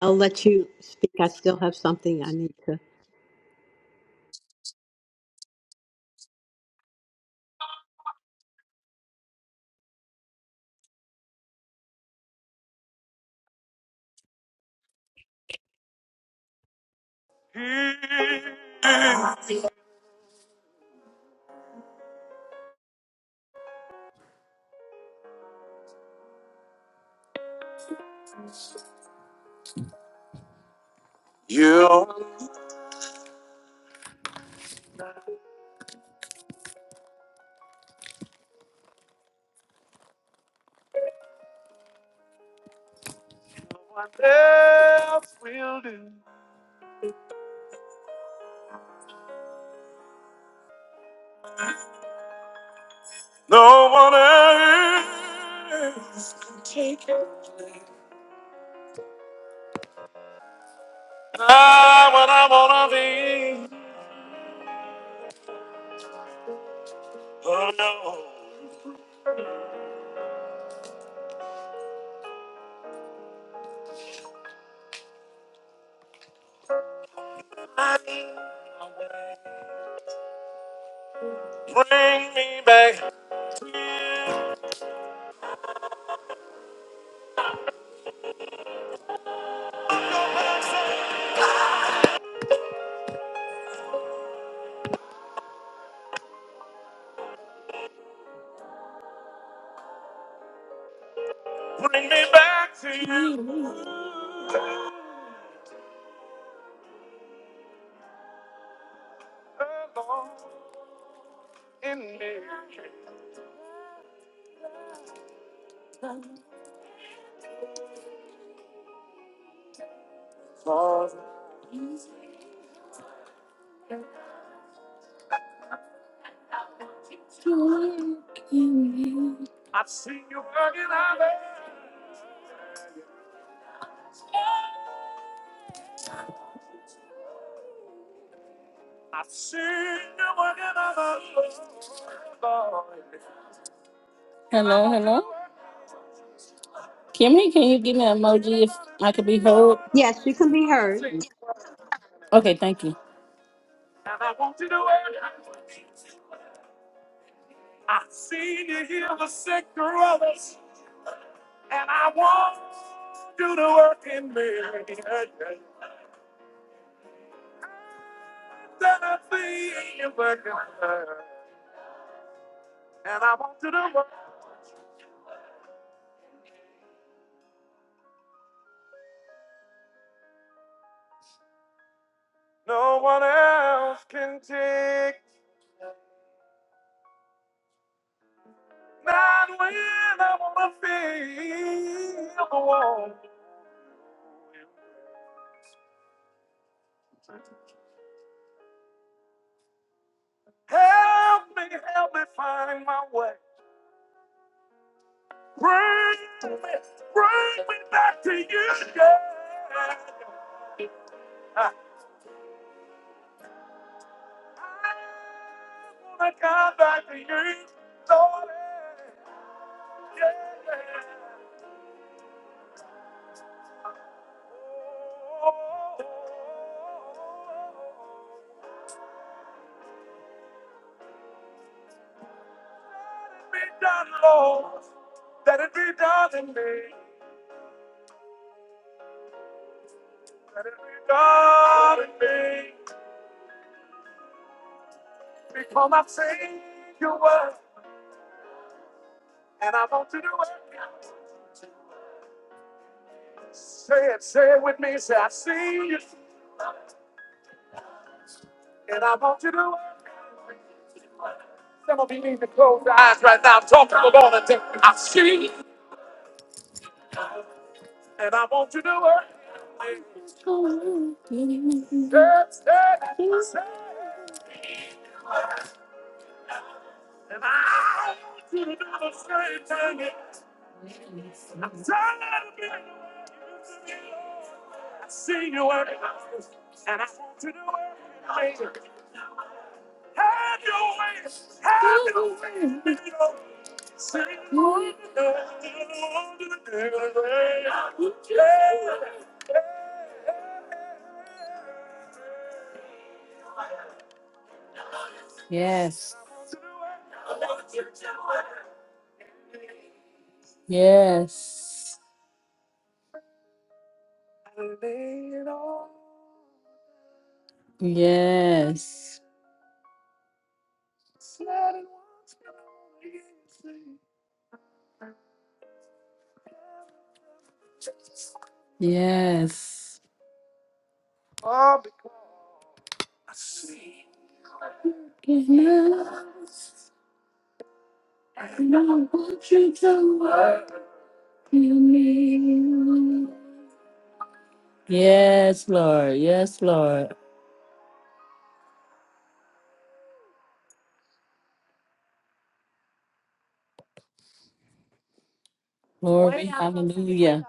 I'll let you speak. I still have something I need to. Hello, hello. Kimmy, can you give me an emoji if I could be heard? Yes, you can be heard. Okay, thank you. Yes, yes, yes, yes, yes, Lord, yes, Lord. Glory, hallelujah.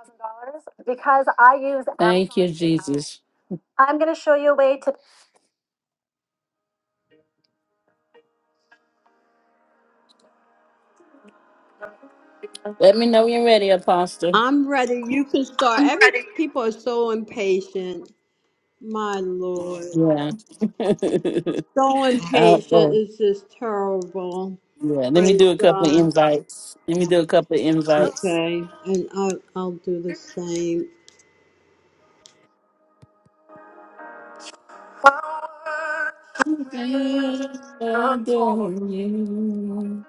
Because I use Thank you, Jesus. I'm going to show you a way to Let me know when you're ready, Apostle. I'm ready. You can start. Every people are so impatient. My lord, Yeah. so impatient. Out. It's just terrible. Yeah, let me Praise do a couple of God. invites. Let me do a couple of invites. Okay, and I'll I'll do the same. Adore you, just adore you.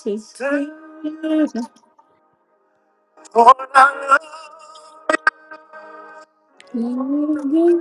Glory, glory,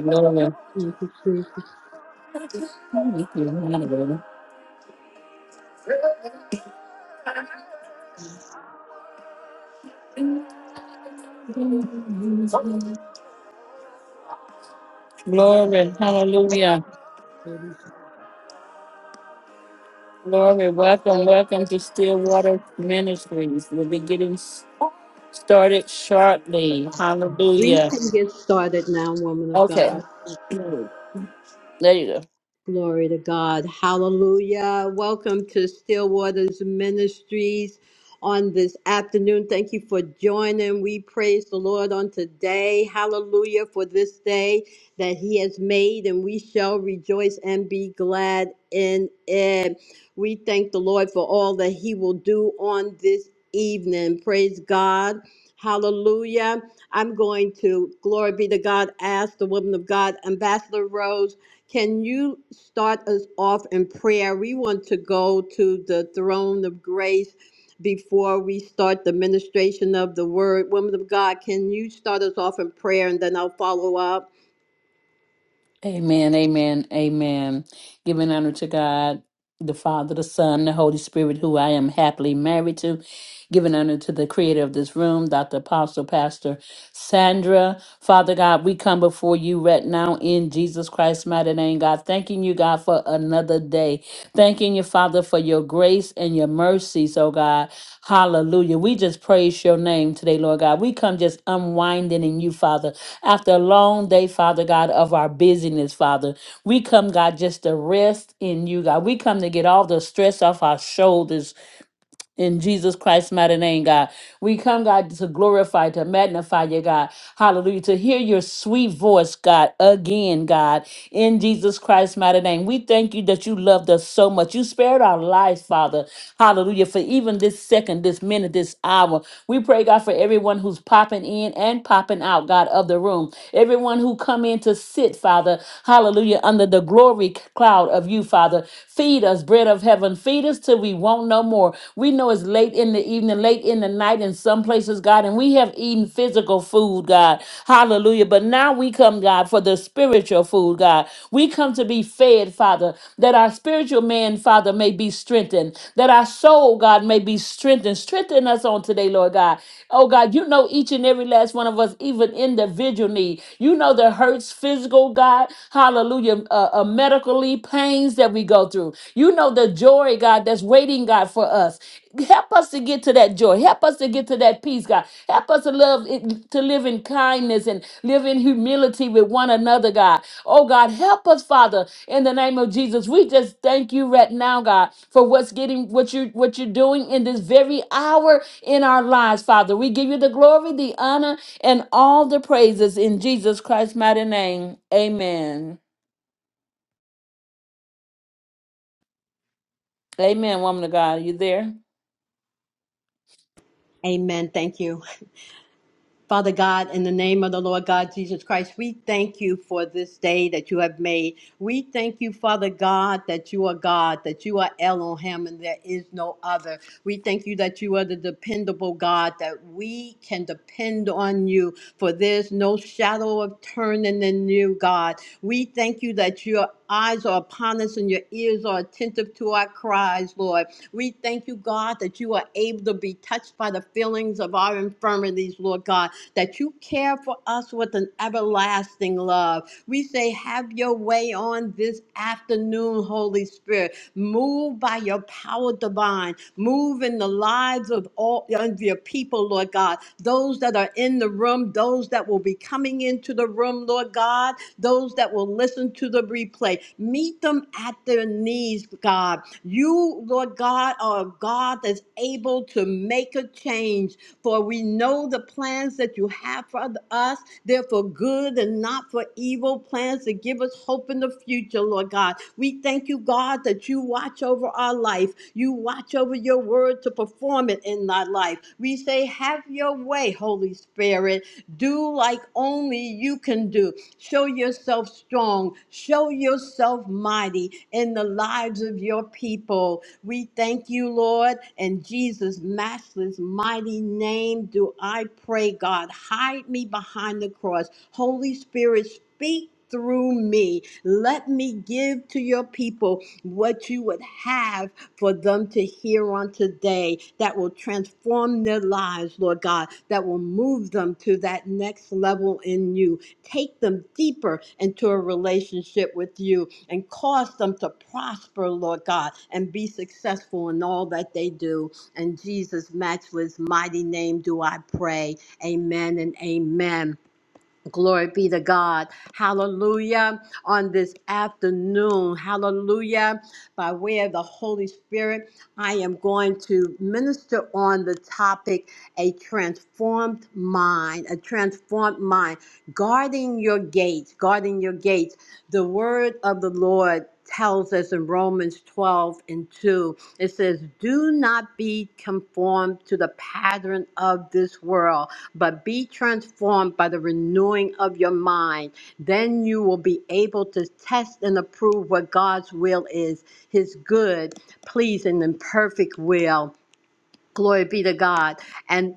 glory, glory. Thank you, Thank you, hallelujah. Glory, hallelujah. Jesus. Glory, welcome, welcome to Stillwater Ministries. We'll be getting started shortly. We Hallelujah. can get started now, woman of God. Okay. There you go. Glory to God. Hallelujah. Welcome to Stillwaters Ministries on this afternoon. Thank you for joining. We praise the Lord on today. Hallelujah for this day that He has made, and we shall rejoice and be glad in it. We thank the Lord for all that He will do on this evening. Praise God. Hallelujah. I'm going to, glory be to God, ask the woman of God, Ambassador Rose. Can you start us off in prayer? We want to go to the throne of grace before we start the ministration of the word. Woman of God, can you start us off in prayer and then I'll follow up? Amen, amen, amen. Giving honor to God, the Father, the Son, the Holy Spirit, who I am happily married to. Giving honor to the creator of this room, Dr. Apostle Pastor Sandra. Father God, we come before you right now in Jesus Christ's mighty name, God. Thanking you, God, for another day. Thanking you, Father, for your grace and your mercies, oh God. Hallelujah. We just praise your name today, Lord God. We come just unwinding in you, Father. after a long day, Father God, of our busyness, Father. We come, God, just to rest in you, God. We come to get all the stress off our shoulders in Jesus Christ's mighty name, God. We come, God, to glorify, to magnify you, God. Hallelujah. To hear your sweet voice, God, again, God, in Jesus Christ's mighty name. We thank you that you loved us so much. You spared our lives, Father. Hallelujah. For even this second, this minute, this hour, we pray, God, for everyone who's popping in and popping out, God, of the room. Everyone who come in to sit, Father. Hallelujah. Under the glory cloud of you, Father. Feed us, bread of heaven. Feed us till we won't no more. We know it's late in the evening, late in the night in some places, God, and we have eaten physical food, God. Hallelujah. Hallelujah. But now we come, God, for the spiritual food, God. We come to be fed, Father, that our spiritual man, Father, may be strengthened, that our soul, God, may be strengthened. Strengthen us on today, Lord God. Oh, God, you know each and every last one of us, even individual need. You know the hurts, physical, God. Hallelujah. Uh, uh, medically, pains that we go through. You know the joy, God, that's waiting, God, for us. Help us to get to that joy. Help us to get to that peace, God. Help us to love to live in kindness and live in humility with one another, God. Oh God, help us, Father, in the name of Jesus. We just thank you right now, God, for what's getting what you what you're doing in this very hour in our lives, Father. We give you the glory, the honor, and all the praises in Jesus Christ's mighty name. Amen. Amen, woman of God. Are you there? Amen. Thank you. Father God, in the name of the Lord God Jesus Christ, we thank you for this day that you have made. We thank you, Father God, that you are God, that you are Elohim, and there is no other. We thank you that you are the dependable God, that we can depend on you, for there's no shadow of turning in you, God. We thank you that your eyes are upon us and your ears are attentive to our cries, Lord. We thank you, God, that you are able to be touched by the feelings of our infirmities, Lord God, that you care for us with an everlasting love. We say, Have your way on this afternoon, Holy Spirit. Move by your power divine. Move in the lives of all of your people, Lord God. Those that are in the room, those that will be coming into the room room, Lord God, those that will listen to the replay. Meet them at their knees, God. You, Lord God, are a God that's able to make a change. For we know the plans that you have for us, they're for good and not for evil, plans to give us hope in the future, Lord God. We thank you, God, that you watch over our life. You watch over over your word to perform it in thy life. We say, Have your way, Holy Spirit. Do like only you can do. Show yourself strong. Show yourself mighty in the lives of your people. We thank you, Lord. In Jesus' matchless, mighty name, do I pray, God. Hide me behind the cross. Holy Spirit, speak through me. Let me give to your people what you would have for them to hear on today that will transform their lives, Lord God, that will move them to that next level in you. Take them deeper into a relationship with you and cause them to prosper, Lord God, and be successful in all that they do. In Jesus' matchless mighty name do I pray. Amen and amen. Glory be to God. Hallelujah. On this afternoon, hallelujah. By way of the Holy Spirit, I am going to minister on the topic a transformed mind, a transformed mind, guarding your gates, guarding your gates. The word of the Lord tells us in Romans 12 and 2, it says, Do not be conformed to the pattern of this world, but be transformed by the renewing of your mind. Then you will be able to test and approve what God's will is, his good, pleasing, and perfect will. Glory be to God. and."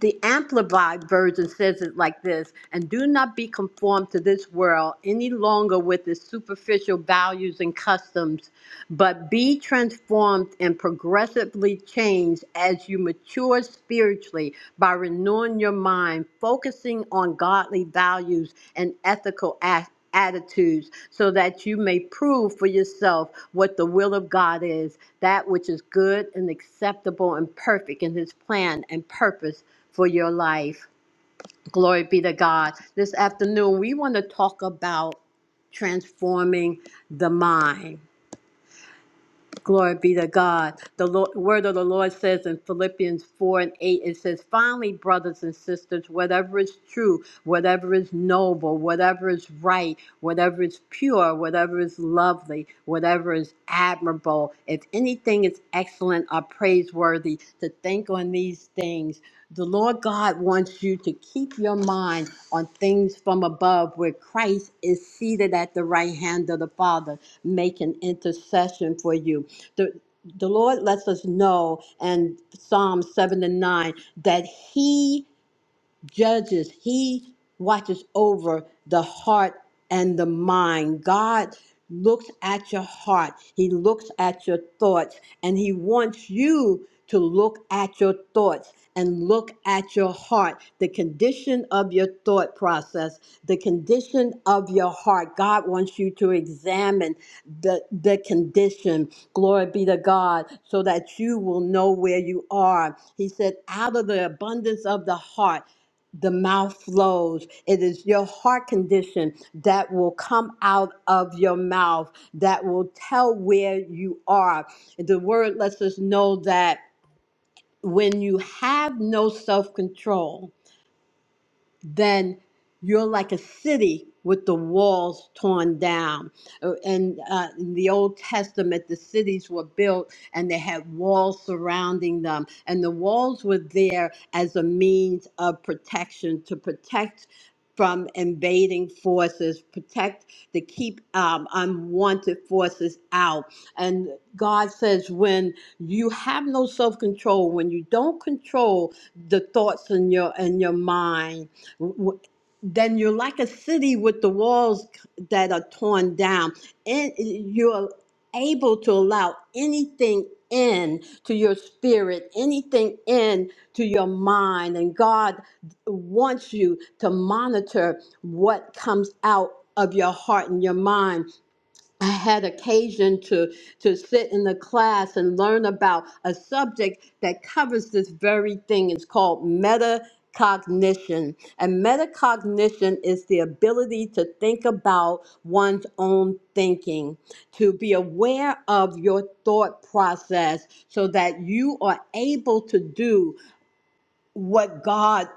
the amplified version says it like this and do not be conformed to this world any longer with its superficial values and customs but be transformed and progressively changed as you mature spiritually by renewing your mind focusing on godly values and ethical ac- attitudes so that you may prove for yourself what the will of God is, that which is good and acceptable and perfect in his plan and purpose for your life. Glory be to God. This afternoon, we want to talk about transforming the mind. Glory be to God. The Lord, word of the Lord says in Philippians 4 and 8, it says, Finally, brothers and sisters, whatever is true, whatever is noble, whatever is right, whatever is pure, whatever is lovely, whatever is admirable, if anything is excellent or praiseworthy, to think on these things. The Lord God wants you to keep your mind on things from above where Christ is seated at the right hand of the Father, making intercession for you. The, the Lord lets us know in Psalm 7 and 9 that He judges, he watches over the heart and the mind. God looks at your heart, he looks at your thoughts, and he wants you to look at your thoughts and look at your heart, the condition of your thought process, the condition of your heart. God wants you to examine the, the condition. Glory be to God, so that you will know where you are. He said, out of the abundance of the heart, the mouth flows. It is your heart condition that will come out of your mouth that will tell where you are. The word lets us know that when you have no self control, then you're like a city with the walls torn down. Uh, And uh, in the Old Testament, the cities were built and they had walls surrounding them. And the walls were there as a means of protection to protect from invading forces, protect to keep um, unwanted forces out. And God says, when you have no self control, when you don't control the thoughts in your in your mind, w- then you're like a city with the walls that are torn down, and you're able to allow anything in to your spirit, anything in to your mind, and God wants you to monitor what comes out of your heart and your mind I had occasion to, to sit in the class and learn about a subject that covers this very thing. It's called metacognition. And metacognition is the ability to think about one's own thinking, to be aware of your thought process so that you are able to do what God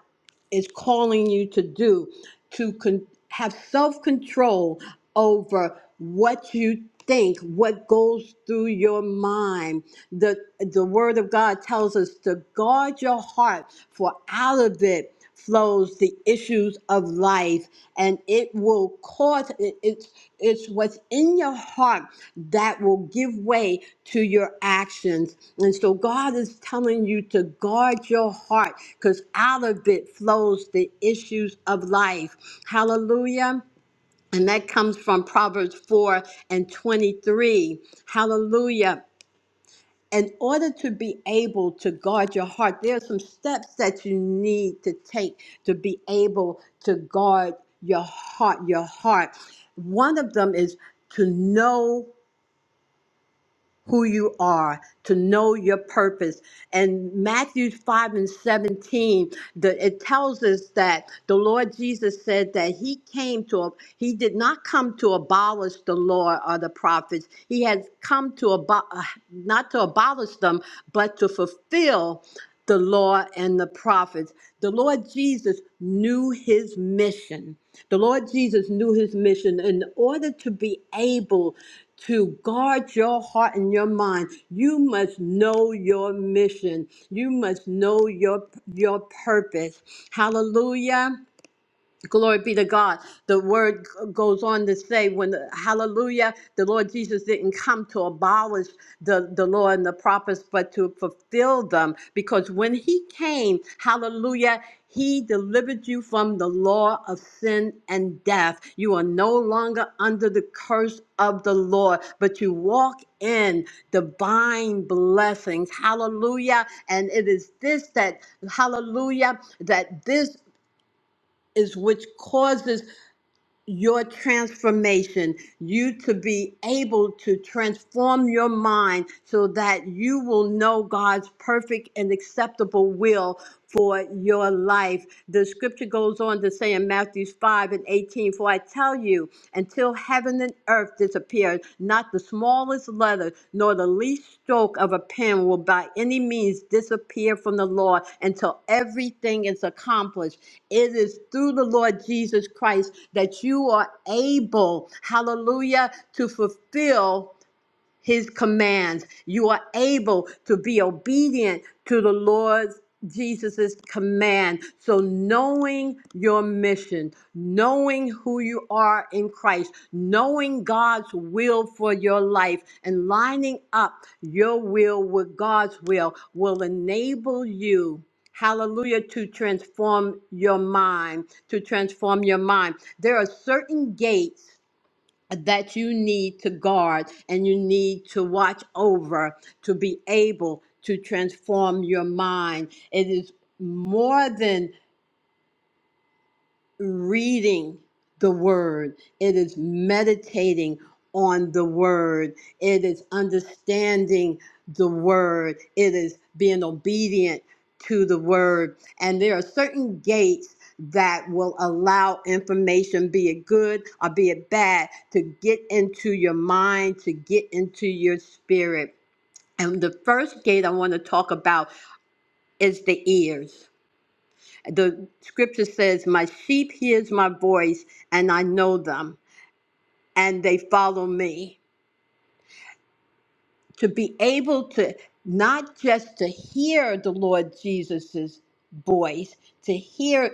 is calling you to do to con- have self control over what you think what goes through your mind the the word of god tells us to guard your heart for out of it flows the issues of life and it will cause it, it's it's what's in your heart that will give way to your actions and so god is telling you to guard your heart because out of it flows the issues of life hallelujah and that comes from proverbs 4 and 23 hallelujah in order to be able to guard your heart, there are some steps that you need to take to be able to guard your heart. Your heart. One of them is to know who you are, to know your purpose. And Matthew 5 and 17, the, it tells us that the Lord Jesus said that he came to, he did not come to abolish the law or the prophets. He has come to, abo- uh, not to abolish them, but to fulfill the law and the prophets. The Lord Jesus knew his mission. The Lord Jesus knew his mission in order to be able to guard your heart and your mind. You must know your mission. You must know your your purpose. Hallelujah. Glory be to God. The word g- goes on to say, when the, hallelujah, the Lord Jesus didn't come to abolish the, the law and the prophets, but to fulfill them. Because when he came, hallelujah, he delivered you from the law of sin and death. You are no longer under the curse of the Lord, but you walk in divine blessings. Hallelujah. And it is this that, hallelujah, that this is which causes your transformation, you to be able to transform your mind so that you will know God's perfect and acceptable will for your life. The scripture goes on to say in Matthew 5 and 18, For I tell you, until heaven and and earth disappears. Not the smallest letter, nor the least stroke of a pen will by any means disappear from the Lord until everything is accomplished. It is through the Lord Jesus Christ that you are able, hallelujah, to fulfill his commands. You are able to be obedient to the Lord Jesus' command. So, knowing your mission, knowing who you are in Christ, knowing God's will for your life, and lining up your will with God's will will enable you. Hallelujah, to transform your mind, to transform your mind. There are certain gates that you need to guard and you need to watch over to be able to transform your mind. It is more than reading the word, it is meditating on the word, it is understanding the word, it is being obedient to the word. And there are certain gates that will allow information, be it good or be it bad, to get into your mind, to get into your spirit. And the first gate I want to talk about is the ears the scripture says, My sheep hears my voice, and I know them, and they follow me. To be able to not just to hear the Lord Jesus's voice, to hear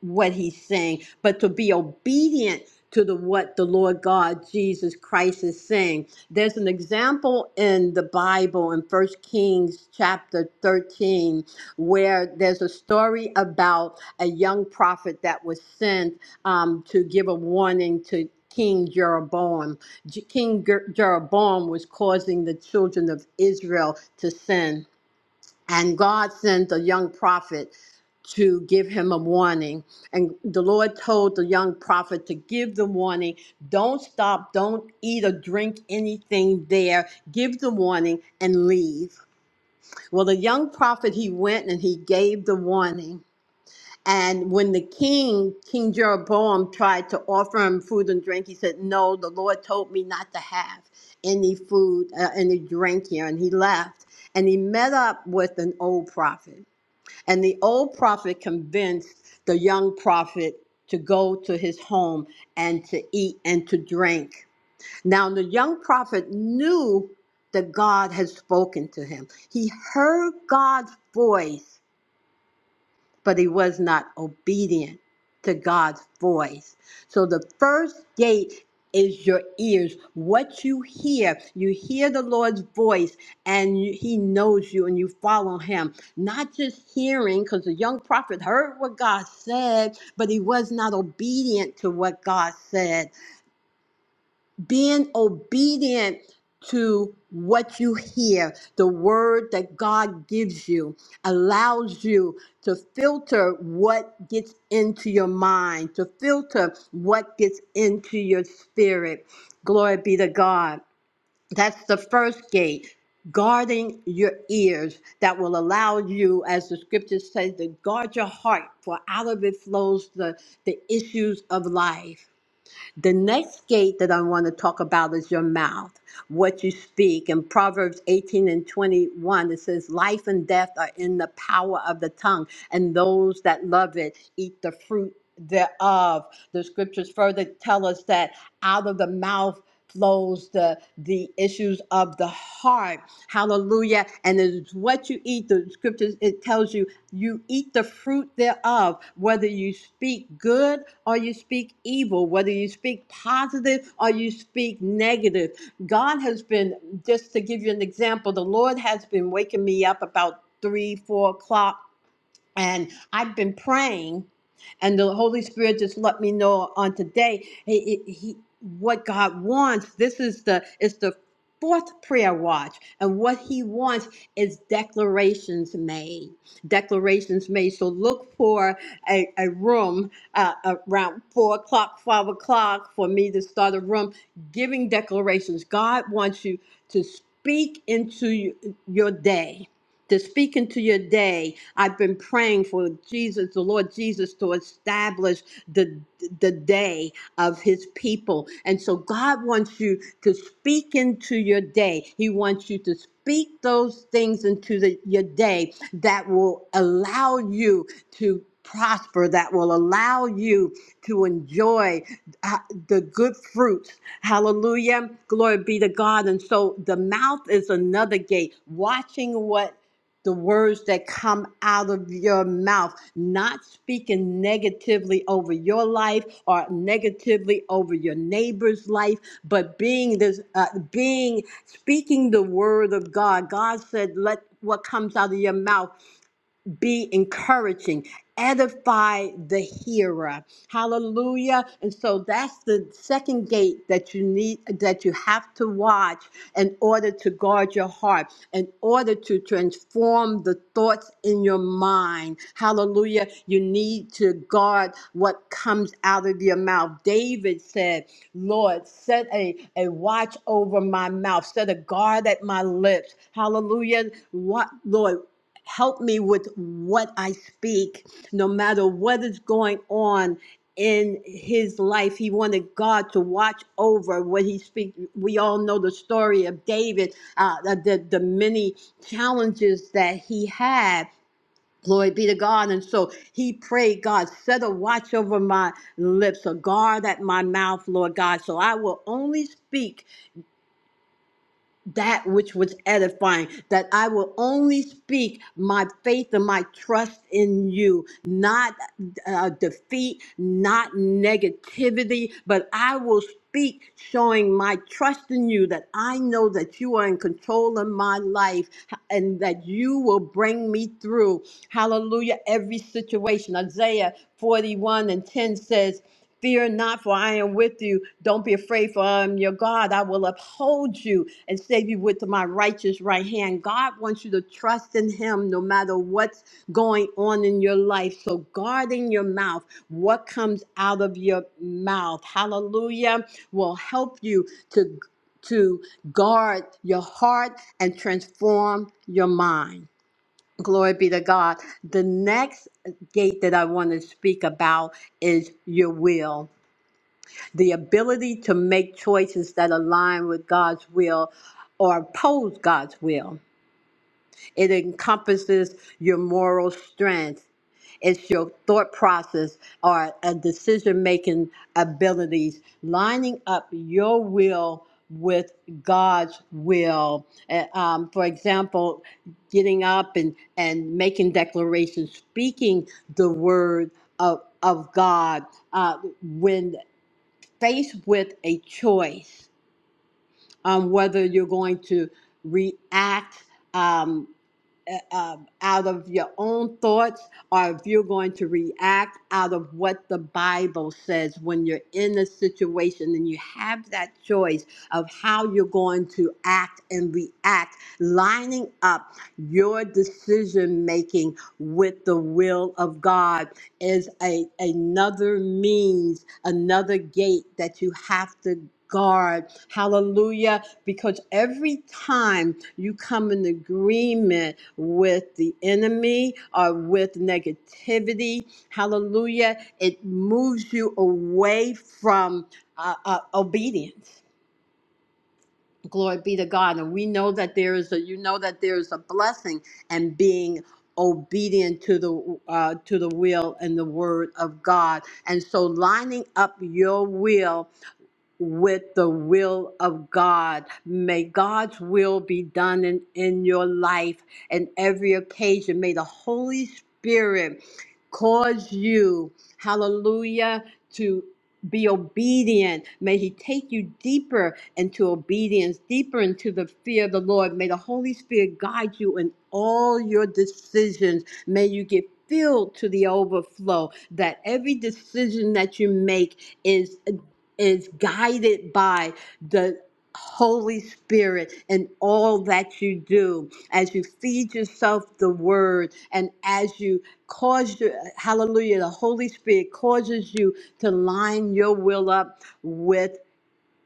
what he's saying, but to be obedient to the what the Lord God Jesus Christ is saying. There's an example in the Bible in First Kings chapter 13 where there's a story about a young prophet that was sent um, to give a warning to King Jeroboam. J- King Ger- Jeroboam was causing the children of Israel to sin and God sent a young prophet to give him a warning. And the Lord told the young prophet to give the warning don't stop, don't eat or drink anything there. Give the warning and leave. Well, the young prophet, he went and he gave the warning. And when the king, King Jeroboam, tried to offer him food and drink, he said, No, the Lord told me not to have any food, uh, any drink here. And he left. And he met up with an old prophet. And the old prophet convinced the young prophet to go to his home and to eat and to drink. Now, the young prophet knew that God had spoken to him, he heard God's voice but he was not obedient to God's voice. So the first gate is your ears. What you hear, you hear the Lord's voice and you- he knows you and you follow him. Not just hearing, because the young prophet heard what God said, but he was not obedient to what God said being obedient to what you hear, the word that God gives you allows you to filter what gets into your mind, to filter what gets into your spirit. Glory be to God. That's the first gate. Guarding your ears that will allow you, as the scripture says, to guard your heart, for out of it flows the, the issues of life the next gate that I want to talk about is your mouth, what you speak. In Proverbs 18 and 21, it says, Life and death are in the power of the tongue, and those that love it eat the fruit thereof. The scriptures further tell us that out of the mouth flows the the issues of the heart hallelujah and it's what you eat the scriptures it tells you you eat the fruit thereof, whether you speak good or you speak evil, whether you speak positive or you speak negative. God has been, just to give you an example, the Lord has been waking me up about three, four o'clock and I've been praying, and the Holy Spirit just let me know on today he, he, he- what God wants. This is the it's the fourth prayer watch, and what He wants is declarations made. Declarations made. So look for a, a room uh, around four o'clock, five o'clock for me to start a room giving declarations. God wants you to speak into you- your day to speak into your day. I've been praying for Jesus, the Lord Jesus, to establish the the day of his people. And so God wants you to speak into your day. He wants you to speak those things into the, your day that will allow you to prosper that will allow you to enjoy uh, the good fruits hallelujah glory be to god and so the mouth is another gate watching what the words that come out of your mouth, not speaking negatively over your life or negatively over your neighbor's life, but being this, uh, being speaking the word of God. God said, "Let what comes out of your mouth." be encouraging, edify the hearer. Hallelujah. And so that's the second gate that you need, that you have to watch in order to guard your heart, in order to transform the thoughts in your mind. Hallelujah. You need to guard what comes out of your mouth. David said, Lord, set a, a watch over my mouth, set a guard at my lips. Hallelujah. What, Lord, help me with what I speak, no matter what is going on in his life. He wanted God to watch over what he speaks. We all know the story of David, uh, the, the the many challenges that he had. Glory be to God. And so he prayed, God, set a watch over my lips, a guard at my mouth, Lord God. So I will only speak that which was edifying, that I will only speak my faith and my trust in you, not uh, defeat, not negativity, but I will speak showing my trust in you that I know that you are in control of my life and that you will bring me through. Hallelujah, every situation. Isaiah 41 and 10 says, Fear not, for I am with you. Don't be afraid, for I am your God. I will uphold you and save you with my righteous right hand. God wants you to trust in Him no matter what's going on in your life. So, guarding your mouth, what comes out of your mouth, hallelujah, will help you to, to guard your heart and transform your mind. Glory be to God. The next gate that I want to speak about is your will the ability to make choices that align with God's will or oppose God's will. It encompasses your moral strength, it's your thought process or a decision making abilities, lining up your will with God's will. Uh, Um, for example, getting up and, and making declarations, speaking the word of, of God. Uh, when faced with a choice on whether you're going to react. Um, uh, um, out of your own thoughts or if you're going to react out of what the Bible says when you're in a situation and you have that choice of how you're going to act and react, lining up your decision making with the will of God is a, another means, another gate that you have to guard. Hallelujah because every time you come in agreement with the enemy or with negativity, hallelujah, it moves you away from uh, uh, obedience. Glory be to God. And we know that there is a, you know that there is a blessing in being obedient to the uh, to the will and the word of God. And so lining up your will with the will of God. May God's will be done in, in your life and every occasion. May the Holy Spirit cause you, hallelujah, to be obedient. May He take you deeper into obedience, deeper into the fear of the Lord. May the Holy Spirit guide you in all your decisions. May you get filled to the overflow that every decision that you make is is guided by the Holy Spirit in all that you do, as you feed yourself the word, and as you cause your hallelujah, the Holy Spirit causes you to line your will up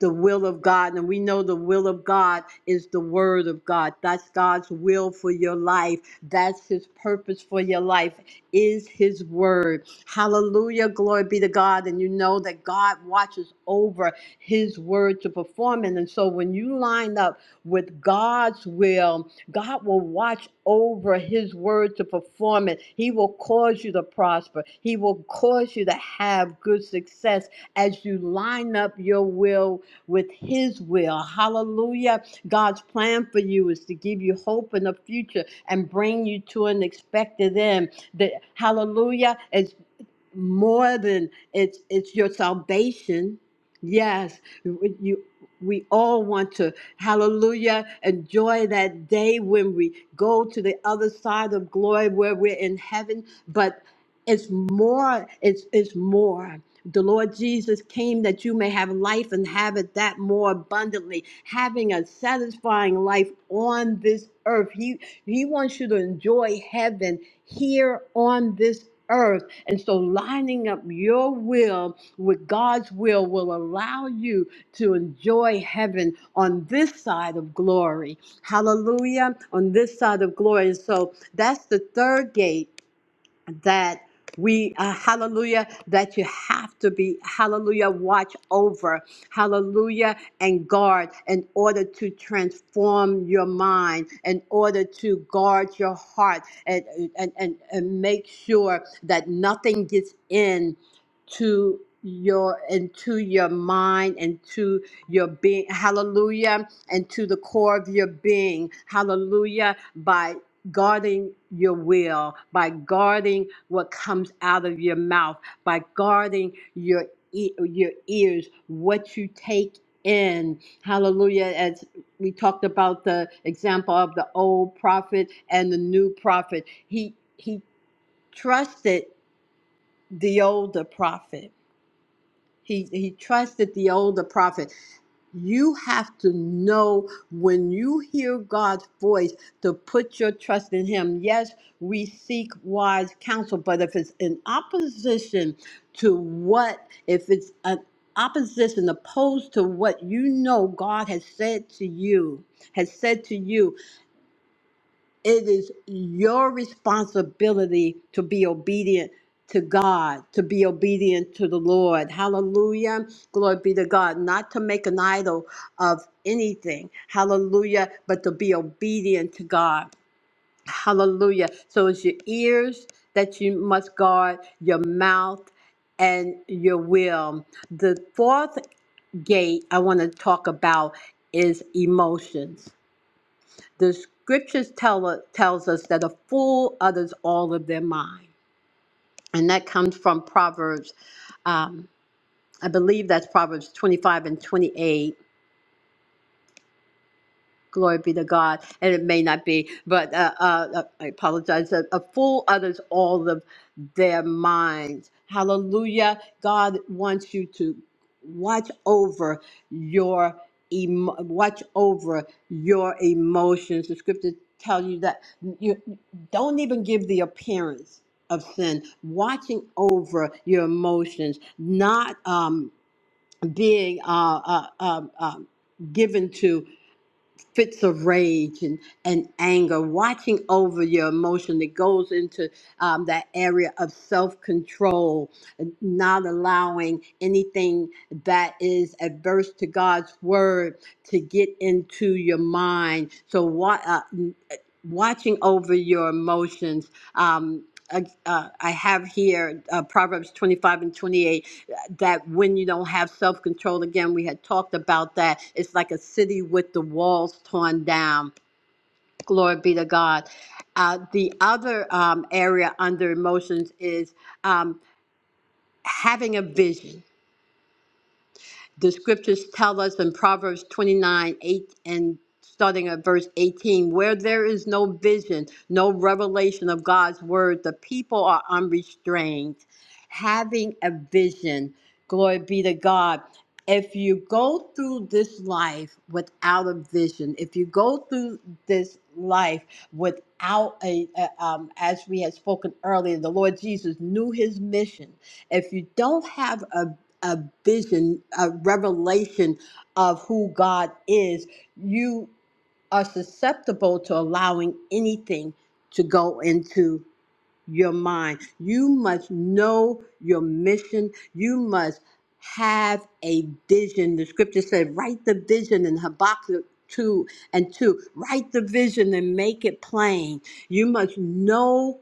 the will of God. And we know the will of God is the word of God. That's God's will for your life. That's his purpose for your life is his word. Hallelujah. Glory be to God. And you know that God watches over his word to perform it. And so when you line up with God's will, God will watch over his word to perform it. He will cause you to prosper. He will cause you to have good success as you line up your will with His will. Hallelujah. God's plan for you is to give you hope in the future and bring you to an expected end. That Hallelujah It's more than it's it's your salvation. Yes, you. We all want to, hallelujah, enjoy that day when we go to the other side of glory where we're in heaven. But it's more, it's, it's more. The Lord Jesus came that you may have life and have it that more abundantly, having a satisfying life on this earth. He he wants you to enjoy heaven here on this earth. And so lining up your will with God's will will allow you to enjoy heaven on this side of glory. Hallelujah. On this side of glory. And so that's the third gate that we uh, hallelujah that you have to be hallelujah watch over hallelujah and guard in order to transform your mind in order to guard your heart and and and, and make sure that nothing gets in to your into your mind and to your being hallelujah and to the core of your being hallelujah by guarding your will, by guarding what comes out of your mouth, by guarding your e- your ears, what you take in. Hallelujah. As we talked about the example of the old prophet and the new prophet, he he trusted the older prophet he he trusted the older prophet. You have to know when you hear God's voice to put your trust in Him. Yes, we seek wise counsel, but if it's in opposition to what, if it's an opposition opposed to what you know God has said to you, has said to you, it is your responsibility to be obedient to God, to be obedient to the Lord. Hallelujah. Glory be to God. Not to make an idol of anything. Hallelujah. But to be obedient to God. Hallelujah. So it's your ears that you must guard, your mouth, and your will. The fourth gate I want to talk about is emotions the scriptures tell us tells us that a fool utters all of their mind and that comes from proverbs um, i believe that's proverbs 25 and 28 Glory be to God. And it may not be, but uh, uh, uh, I apologize. A, a fool utters all of their minds. Hallelujah. God wants you to watch over your emo- watch over your emotions. The scripture tells you that you don't even give the appearance of sin. Watching over your emotions, not um, being uh, uh, um um, given to fits of rage and, and anger, watching over your emotion that goes into um, that area of self control, not allowing anything that is adverse to God's word to get into your mind. So, what, uh, watching over your emotions. Um, uh, uh, I have here uh, Proverbs 25 and 28 that when you don't have self control, again, we had talked about that. It's like a city with the walls torn down. Glory be to God. Uh, the other um, area under emotions is um, having a vision The scriptures tell us in Proverbs 29 8 and starting at verse 18 where there is no vision, no revelation of God's word, the people are unrestrained. Having a vision, glory be to God. If you go through this life without a vision, if you go through this life without a, a um, as we had spoken earlier, the Lord Jesus knew his mission. If you don't have a a vision, a revelation of who God is, you are susceptible to allowing anything to go into your mind. You must know your mission. You must have a vision. The scripture said, write the vision in Habakkuk 2 and 2. Write the vision and make it plain. You must know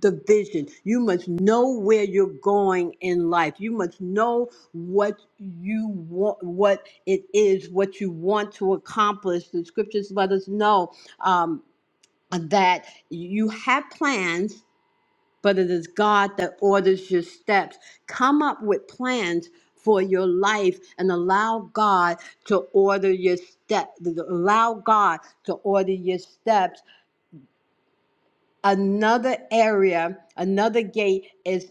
the vision. You must know where you're going in life. You must know what you want, what it is, what you want to accomplish. The scriptures let us know um, that you have plans, but it is God that orders your steps. Come up with plans for your life and allow God to order your step. Allow God to order your steps another area, another gate is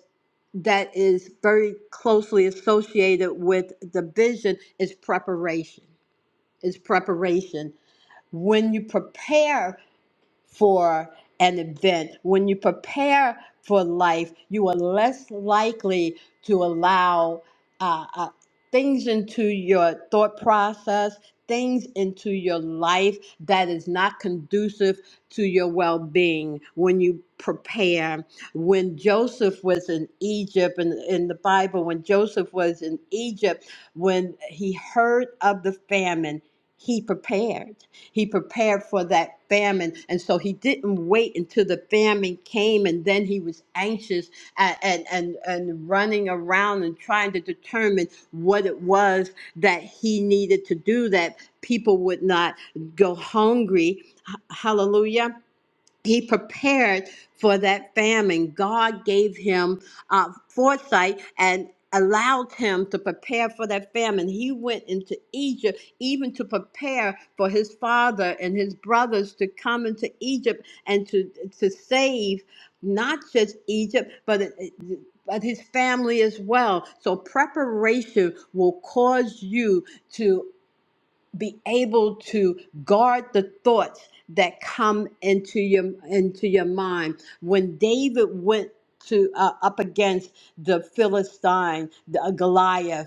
that is very closely associated with the vision is preparation. Is preparation. When you prepare for an event. When you prepare for life, you are less likely to allow uh, uh, things into your thought process, things into your life that is not conducive to your well being when you prepare. When Joseph was in Egypt, and in the Bible, when Joseph was in Egypt, when he heard of the famine, he prepared he prepared for that famine. And so he didn't wait until the famine came and then he was anxious and, and, and, and running around and trying to determine what it was that he needed to do that people would not go hungry. H- Hallelujah he prepared for that famine. God gave him uh, foresight and allowed him to prepare for that famine. He went into Egypt even to prepare for his father and his brothers to come into Egypt and to to save not just Egypt, but it- it- but his family as well. So preparation will cause you to be able to guard the thoughts that come into your into your mind when david went to uh, up against the philistine the, uh, goliath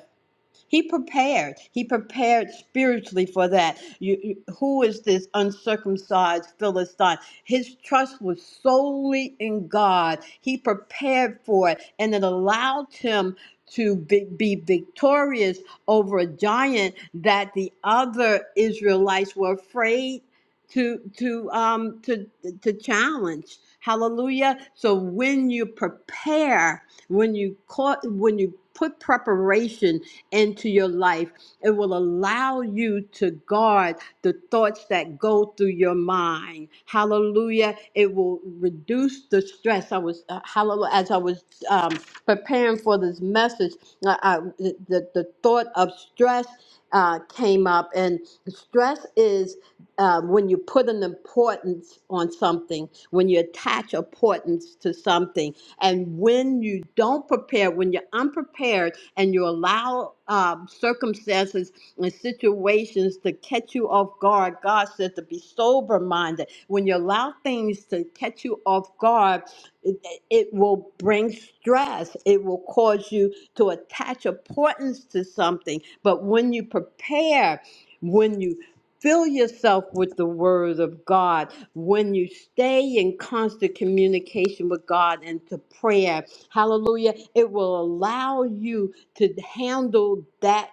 he prepared. He prepared spiritually for that. You, you- who is this uncircumcised Philistine? His trust was solely in God. He prepared for it, and it allowed him to be, be victorious over a giant that the other Israelites were afraid to to um to to challenge. Hallelujah. So when you prepare, when you caught when you put preparation into your life. It will allow you to guard the thoughts that go through your mind. Hallelujah. It will reduce the stress. I was, uh, hallelujah, as I was um, preparing for this message, I, I, the, the thought of stress uh, came up, and stress is um, when you put an importance on something, when you attach importance to something, and when you don't prepare, when you're unprepared and you allow um, circumstances and situations to catch you off guard, God said to be sober minded. When you allow things to catch you off guard, it, it will bring stress, it will cause you to attach importance to something. But when you prepare, when you Fill yourself with the word of God. When you stay in constant communication with God and to prayer, hallelujah, it will allow you to handle that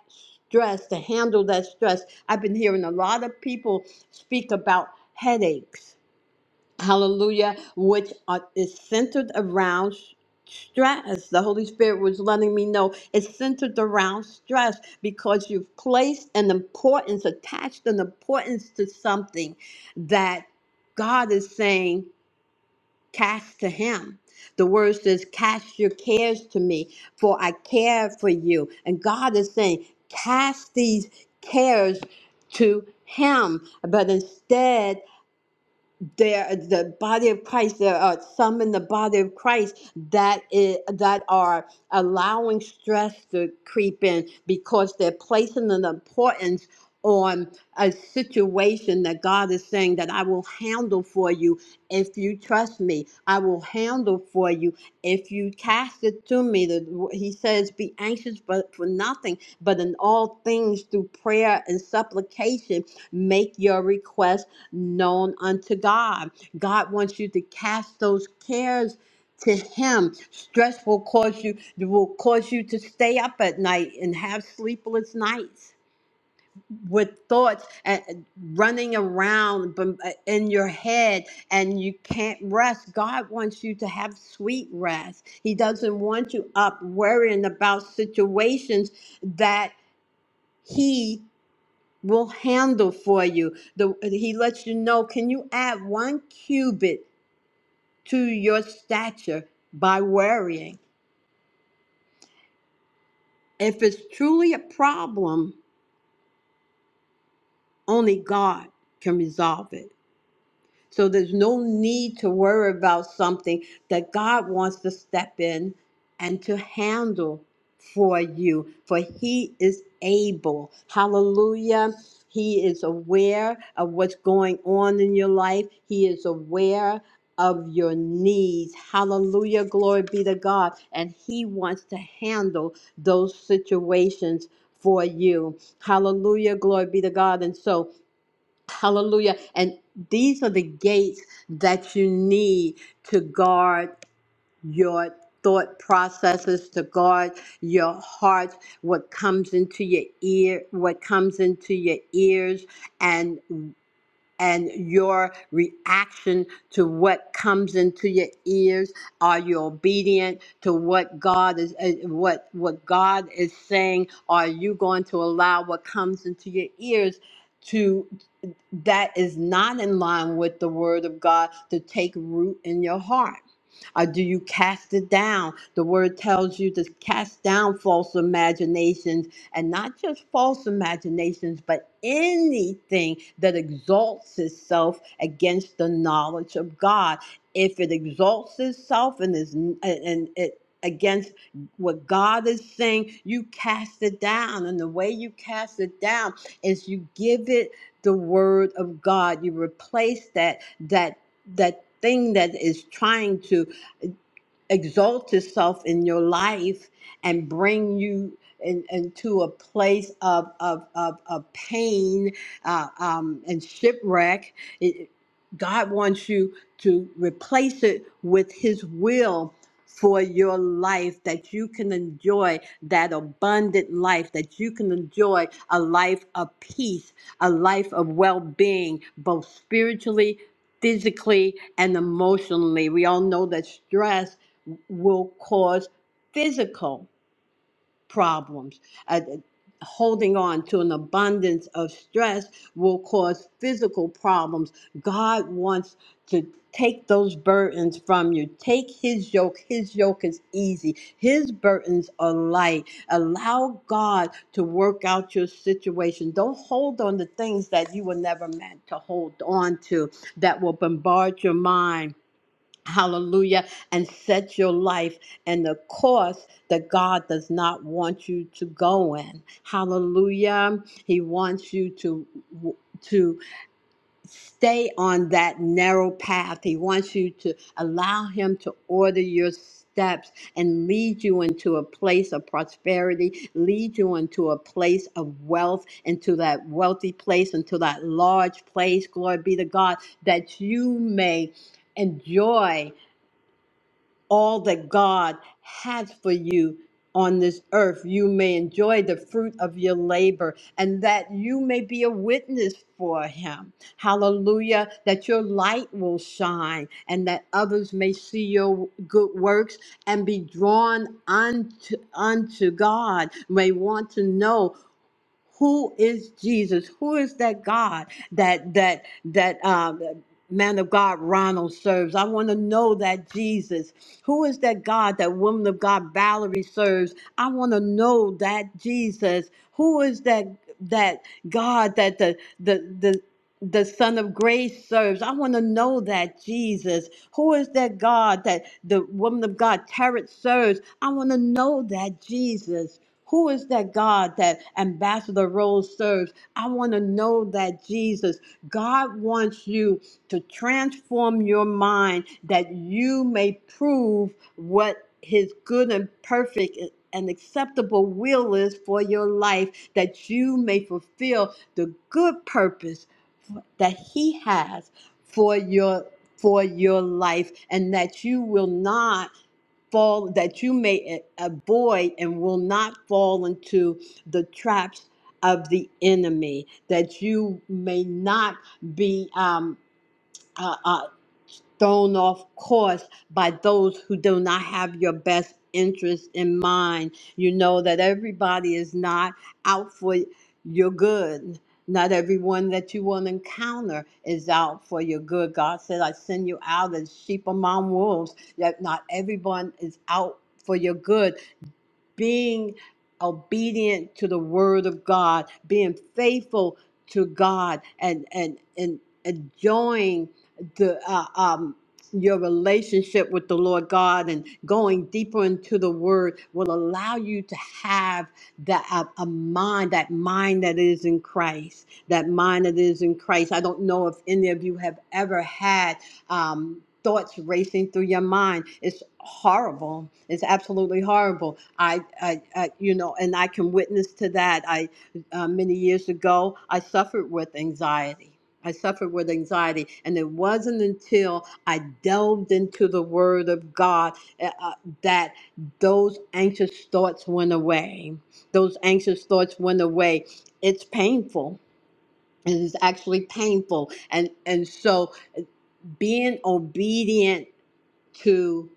stress, to handle that stress. I've been hearing a lot of people speak about headaches hallelujah, which are, is centered around stress. The Holy Spirit was letting me know it's centered around stress because you've placed an importance, attached an importance to something that God is saying, cast to Him. The word says, cast your cares to me, for I care for you. And God is saying, cast these cares to Him. But instead, there the body of christ there are some in the body of christ that is that are allowing stress to creep in because they're placing an importance on a situation that god is saying that i will handle for you if you trust me, I will handle for you. If you cast it to me, the, he says, be anxious but for nothing, but in all things through prayer and supplication, make your request known unto God. God wants you to cast those cares to him stress will cause you will cause you to stay up at night and have sleepless nights with thoughts and uh, running around bum- uh, in your head and you can't rest god wants you to have sweet rest he doesn't want you up worrying about situations that he will handle for you the, he lets you know can you add one cubit to your stature by worrying if it's truly a problem only god can resolve it So there's no need to worry about something that God wants to step in and to handle for you, for He is able. Hallelujah. He is aware of what's going on in your life, He is aware of your needs. Hallelujah. Glory be to God. And He wants to handle those situations for you. Hallelujah. Glory be to God. And so, Hallelujah. And these are the gates that you need to guard your thought processes, to guard your heart, what comes into your ear, what comes into your ears and and your reaction to what comes into your ears. Are you obedient to what God is uh, what what God is saying? Are you going to allow what comes into your ears? to? that is not in line with the word of God to take root in your heart. Or do you cast it down? The word tells you to cast down false imaginations and not just false imaginations, but anything that exalts itself against the knowledge of God. If it exalts itself and is and it against what God is saying, you cast it down. And the way you cast it down is you give it the word of God. You replace that that that thing that is trying to exalt yourself in your life and bring you in, into a place of, of, of, of pain uh, um, and shipwreck. It, God wants you to replace it with His will for your life that you can enjoy that abundant life, that you can enjoy a life of peace, a life of well being, both spiritually, physically, and emotionally. We all know that stress will cause physical problems. Uh, holding on to an abundance of stress will cause physical problems. God wants to take those burdens from you. Take his yoke. His yoke is easy, his burdens are light. Allow God to work out your situation. Don't hold on to things that you were never meant to hold on to that will bombard your mind Hallelujah. And set your life in the course that God does not want you to go in. Hallelujah. He wants you to to stay on that narrow path. He wants you to allow him to order your steps and lead you into a place of prosperity, lead you into a place of wealth, into that wealthy place, into that large place. Glory be to God that you may enjoy all that God has for you on this earth. You may enjoy the fruit of your labor and that you may be a witness for Him. Hallelujah. That your light will shine and that others may see your good works and be drawn unto, unto God, may want to know who is Jesus? Who is that God that that that um, man of God Ronald serves? I want to know that Jesus. Who is that God that woman of God Valerie serves? I want to know that Jesus. Who is that that God that the the the the son of grace serves. I want to know that Jesus. Who is that God that the woman of God Tarot serves? I want to know that Jesus. Who is that God that Ambassador Rose serves? I want to know that Jesus. God wants you to transform your mind that you may prove what his good and perfect and acceptable will is for your life, that you may fulfill the good purpose that he has for your for your life and that you will not fall that you may avoid and will not fall into the traps of the enemy that you may not be um, uh, uh, thrown off course by those who do not have your best interest in mind. You know that everybody is not out for your good. Not everyone that you will encounter is out for your good. God said, I send you out as sheep among wolves, yet not everyone is out for your good being obedient to the word of God, being faithful to God, and and and enjoying the uh, um your relationship with the Lord God and going deeper into the Word will allow you to have that a, a mind, that mind that is in Christ, that mind that is in Christ. I don't know if any of you have ever had um, thoughts racing through your mind. It's horrible. It's absolutely horrible. I, I, I you know, and I can witness to that. I, uh, many years ago, I suffered with anxiety. I suffered with anxiety, and it wasn't until I delved into the Word of God uh, uh, that those anxious thoughts went away. Those anxious thoughts went away. It's painful. It is actually painful, and and so being obedient to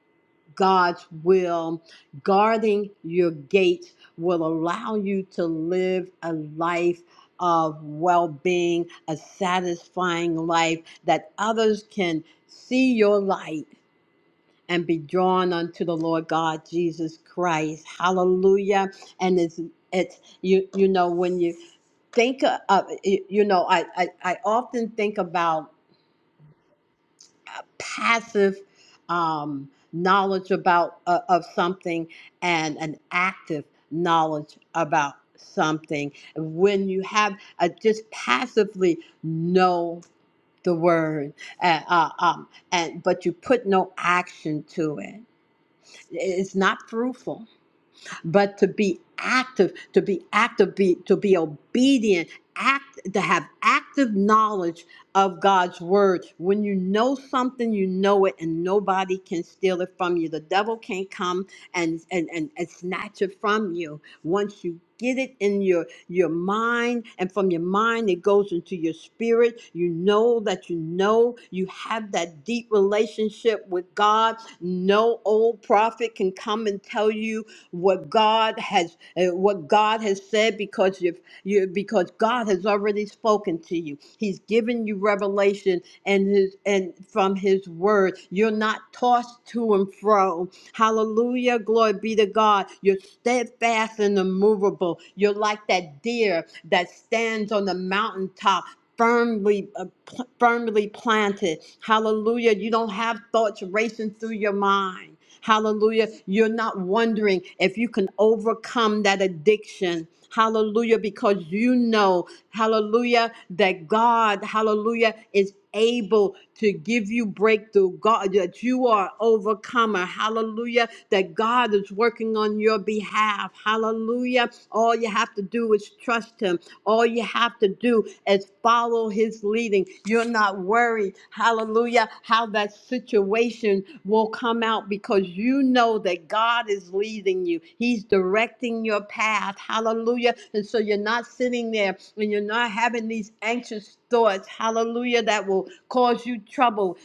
God's will, guarding your gates will allow you to live a life of well being, a satisfying life that others can see your light and be drawn unto the Lord God Jesus Christ. Hallelujah. And it's it's you you know when you think of you know I I, I often think about passive um, knowledge about uh, of something and an active knowledge about something when you have uh, just passively know the word uh, uh, um, and but you put no action to it it's not fruitful but to be active, to be active, be, to be obedient, act, to have active knowledge of God's word. When you know something, you know it, and nobody can steal it from you. The devil can't come and and and, and snatch it from you once you. Get it in your your mind, and from your mind, it goes into your spirit. You know that you know you have that deep relationship with God. No old prophet can come and tell you what God has uh, what God has said because you've you because God has already spoken to you. He's given you revelation and his and from his word. You're not tossed to and fro. Hallelujah. Glory be to God. You're steadfast and immovable. You're like that deer that stands on the mountaintop. Firmly, uh, pl- firmly planted. Hallelujah. You don't have thoughts racing through your mind. Hallelujah. You're not wondering if you can overcome that addiction. Hallelujah, because you know, hallelujah, that God, hallelujah, is able to give you breakthrough. God, that you are overcomer. Hallelujah, that God is working on your behalf. Hallelujah. All you have to do is trust Him. All you have to do is follow his leading. You're not worried, hallelujah, how that situation will come out because you know that God is leading you. He's directing your path, hallelujah. And so you're not sitting there and you're not having these anxious thoughts, hallelujah, that will cause you trouble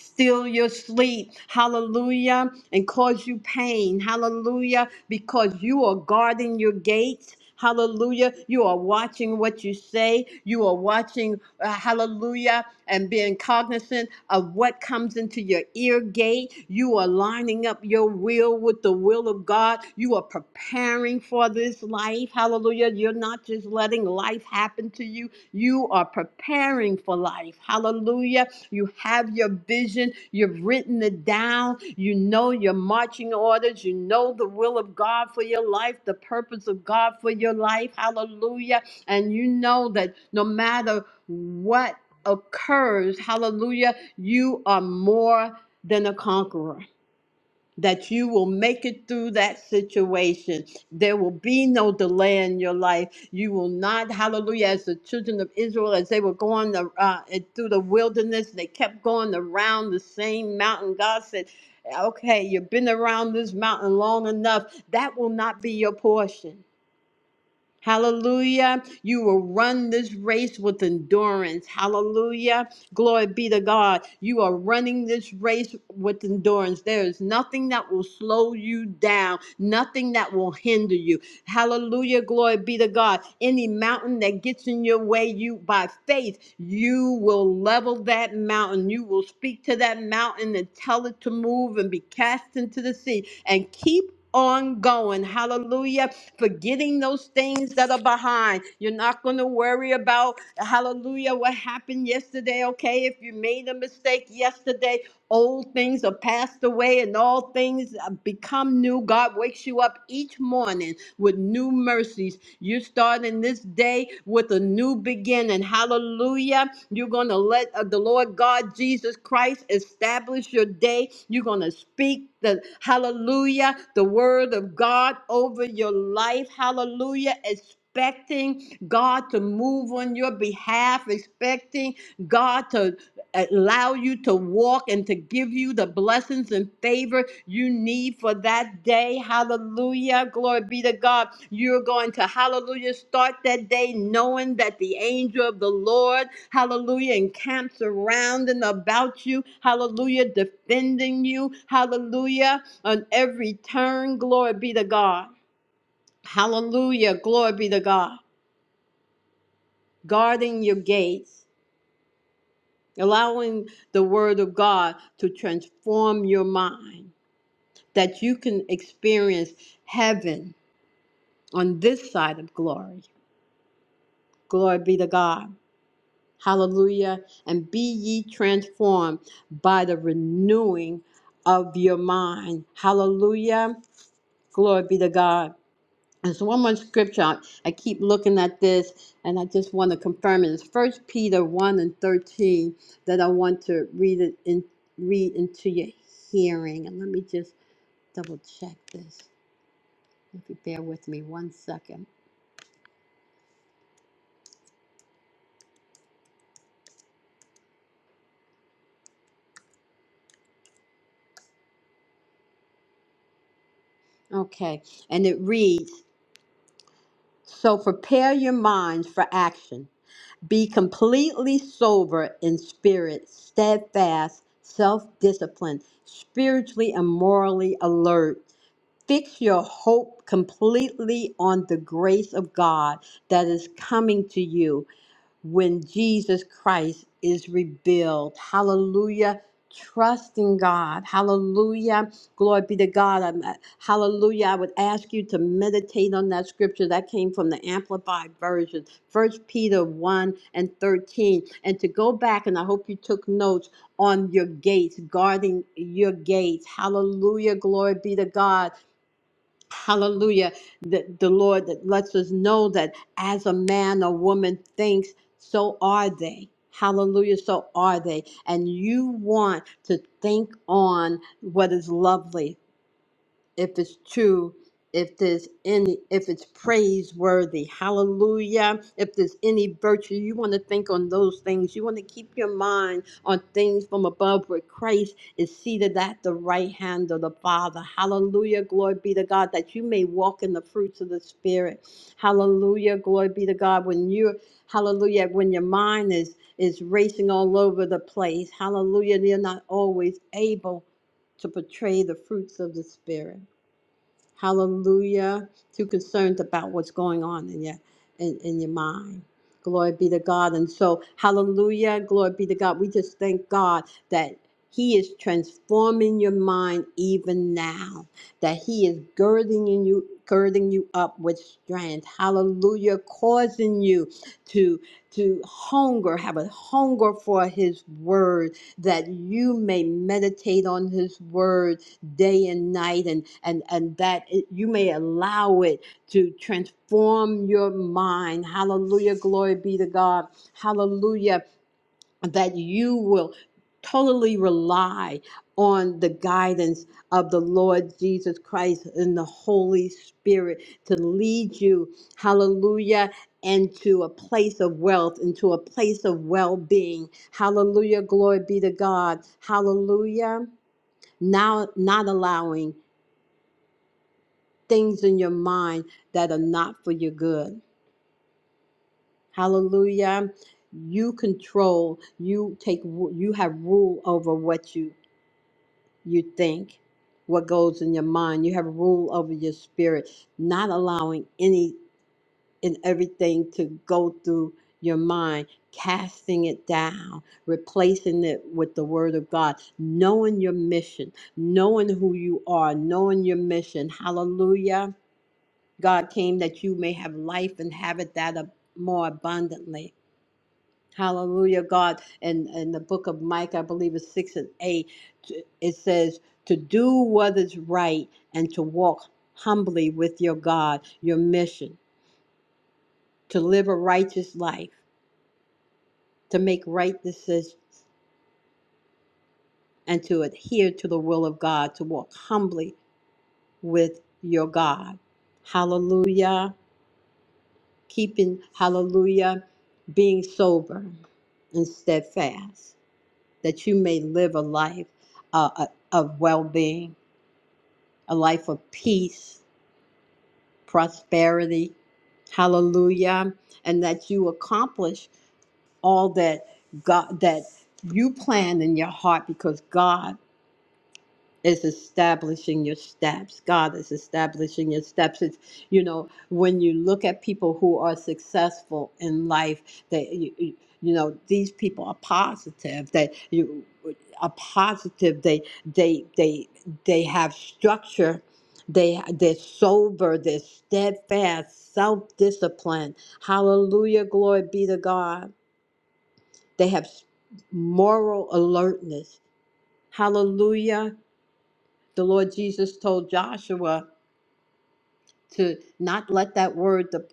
steal your sleep, hallelujah, and cause you pain, hallelujah, because you are guarding your gates. Hallelujah. You are watching what you say. You are watching, uh, hallelujah, and being cognizant of what comes into your ear gate. You are lining up your will with the will of of God, you are preparing for this life. Hallelujah. You're not just letting life happen to you, you are preparing for life. Hallelujah. You have your vision, you've written it down, you know your marching orders, you know the will of God for your life, the purpose of God for your life. Hallelujah. And you know that no matter what occurs, hallelujah, you are more than a conqueror that you will make it through that situation. There will be no delay in your life. You will not, hallelujah, as the children of Israel, as they were going the, uh, through the wilderness, they kept going around the same mountain. God said, Okay, you've been around this mountain long enough. That will not be your portion. Hallelujah. You will run this race with endurance. Hallelujah. Glory be to God. You are running this race with endurance. There is nothing that will slow you down, nothing that will hinder you. Hallelujah. Glory be to God. Any mountain that gets in your way, you by faith, you will level that mountain. You will speak to that mountain and tell it to move and be cast into the sea and keep ongoing. Hallelujah. Forgetting those things that are behind. You're not going to worry about, hallelujah, what happened yesterday. Okay, if you made a mistake yesterday, old things are passed away and all things uh, become new. God wakes you up each morning with new mercies you're starting this day with a new beginning. Hallelujah. You're going to let uh, the Lord God Jesus Christ establish your day. You're going to speak the hallelujah, the word of God over your life. Hallelujah. Expecting God to move on your behalf, expecting God to allow you to walk and to give you the blessings and favor you need for that day. Hallelujah. Glory be to God. You're going to, hallelujah, start that day knowing that the angel of the Lord, hallelujah, encamps around and about you. Hallelujah, defending you. Hallelujah, on every turn. Glory be to God. Hallelujah. Glory be to God. Guarding your gates. allowing the Word of God to transform your mind, that you can experience heaven on this side of glory. Glory be to God. Hallelujah. And be ye transformed by the renewing of your mind. Hallelujah. Glory be to God. There's one more scripture. I keep looking at this and I just want to confirm it. It's first Peter one and thirteen that I want to read it in read into your hearing. And let me just double check this. If you bear with me one second. Okay. And it reads, So prepare your minds for action. Be completely sober in spirit, steadfast, self disciplined, spiritually and morally alert. Fix your hope completely on the grace of God that is coming to you when Jesus Christ is revealed. Hallelujah. Trust in God. Hallelujah. Glory be to God. I'm- uh, hallelujah. I would ask you to meditate on that scripture that came from the Amplified Version, First Peter 1 and 13. And to go back, and I hope you took notes on your gates, guarding your gates. Hallelujah. Glory be to God Hallelujah. The, the Lord that lets us know that as a man or woman thinks, so are they. Hallelujah. So are they. And you want to think on what is lovely, if it's true, if there's any, if it's praiseworthy, hallelujah. If there's any virtue, you want to think on those things. You want to keep your mind on things from above where Christ is seated at the right hand of the Father. Hallelujah. Glory be to God that you may walk in the fruits of the Spirit. Hallelujah. Glory be to God when you, hallelujah, when your mind is is racing all over the place. Hallelujah. You're not always able to portray the fruits of the Spirit. Hallelujah. Too concerned about what's going on in your in, in your mind. Glory be to God. And so hallelujah. Glory be to God. We just thank God that he is transforming your mind even now. That he is girding in you, girding you up with strength. Hallelujah. Causing you to to hunger, have a hunger for his word, that you may meditate on his word day and night and and and that it, you may allow it to transform your mind hallelujah glory be to god hallelujah that you will totally rely on the guidance of the Lord Jesus Christ and the Holy Spirit to lead you hallelujah into a place of wealth into a place of well-being hallelujah glory be to god hallelujah now not allowing things in your mind that are not for your good. Hallelujah. You control, you take you have rule over what you you think, what goes in your mind. You have rule over your spirit, not allowing any and everything to go through your mind, casting it down, replacing it with the word of God, knowing your mission, knowing who you are, knowing your mission. Hallelujah God came that you may have life and have it that ab- more abundantly. Hallelujah, God. And in the book of Micah, I believe it's 6 and 8, t- it says, To do what is right and to walk humbly with your God, your mission, to live a righteous life, to make right decisions, and to adhere to the will of God, to walk humbly with your God. Hallelujah. keeping, hallelujah, being sober and steadfast, that you may live a life uh, uh, of well being, a life of peace, prosperity, hallelujah, and that you accomplish all that God, that you planned in your heart because God is establishing your steps. God is establishing your steps. It's you know when you look at people who are successful in life, that you, you you know these people are positive. They you are positive. They they they they have structure. They they're sober. They're steadfast. Self discipline. Hallelujah. Glory be to God. They have s- moral alertness. Hallelujah. The Lord Jesus told Joshua to not let that word dep-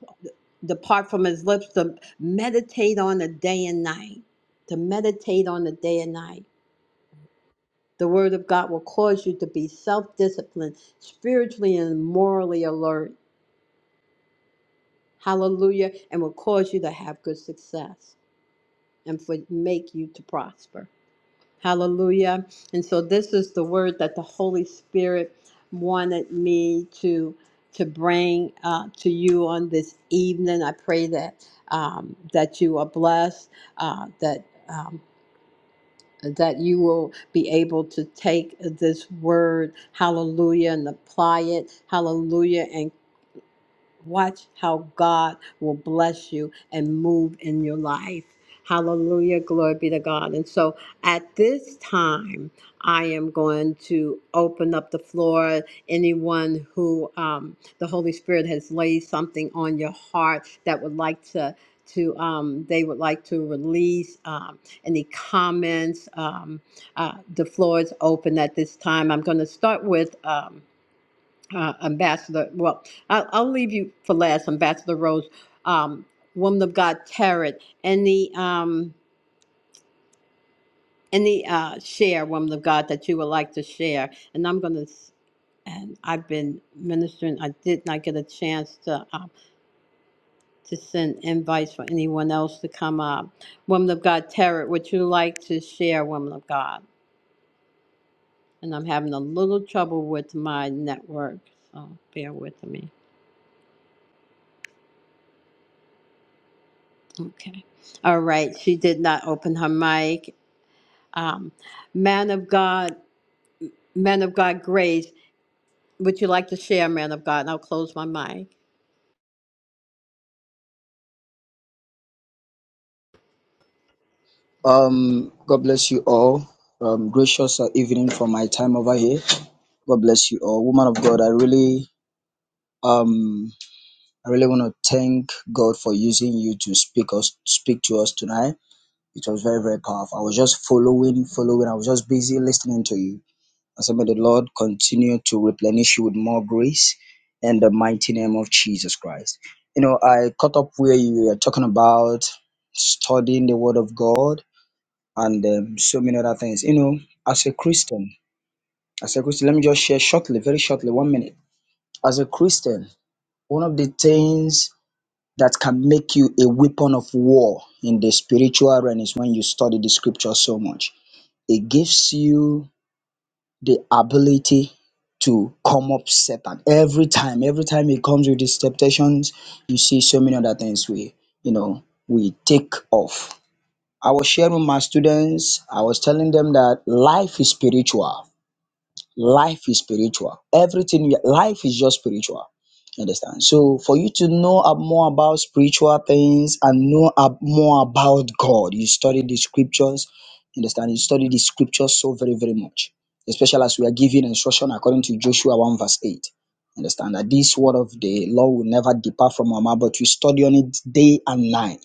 depart from his lips, to meditate on it day and night. To meditate on it day and night. The word of God will cause you to be self disciplined, spiritually and morally alert. Hallelujah. And will cause you to have good success and for, make you to prosper. Hallelujah. And so this is the word that the Holy Spirit wanted me to to bring uh, to you on this evening. I pray that um, that you are blessed, uh, that um, that you will be able to take this word, hallelujah, and apply it, hallelujah, and Watch how God will bless you and move in your life. Hallelujah. Glory be to God. And so at this time, I am going to open up the floor. Anyone who um, the Holy Spirit has laid something on your heart that would like to, to um, they would like to release um, any comments. Um, uh, the floor is open at this time. I'm going to start with. Um, uh, Ambassador, well, I'll, I'll leave you for last, Ambassador Rose, um, woman of God, Tarot, any, um, any, uh, share, woman of God, that you would like to share. And I'm going to, and I've been ministering, I did not get a chance to, um, to send invites for anyone else to come up. Woman of God, Tarot, would you like to share, woman of God? And I'm having a little trouble with my network, so bear with me. Okay. All right. She did not open her mic. Um, man of God, man of God, Grace, would you like to share, man of God? And I'll close my mic. Um, God bless you all. Um, gracious uh, evening for my time over here. God bless you all. Woman of God, I really, um, I really want to thank God for using you to speak us, speak to us tonight. It was very, very powerful. I was just following, following. I was just busy listening to you. I said, may the Lord continue to replenish you with more grace in the mighty name of Jesus Christ. You know, I caught up where you were talking about studying the Word of God and um, so many other things. You know, as a Christian, as a Christian, let me just share shortly, very shortly, one minute. As a Christian, one of the things that can make you a weapon of war in the spiritual realm is when you study the scripture so much. It gives you the ability to come up Satan every time. Every time he comes with his temptations, you see so many other things we, you know, we take off I was sharing with my students, I was telling them that life is spiritual. Life is spiritual. Everything, you- life is just spiritual. You Understand? So, for you to know ab- more about spiritual things and know ab- more about God, you study the scriptures. you Understand? You study the scriptures so very, very much. Especially as we are given instruction according to Joshua 1, verse 8. Understand that this word of the Lord will never depart from our mouth, but we study on it day and night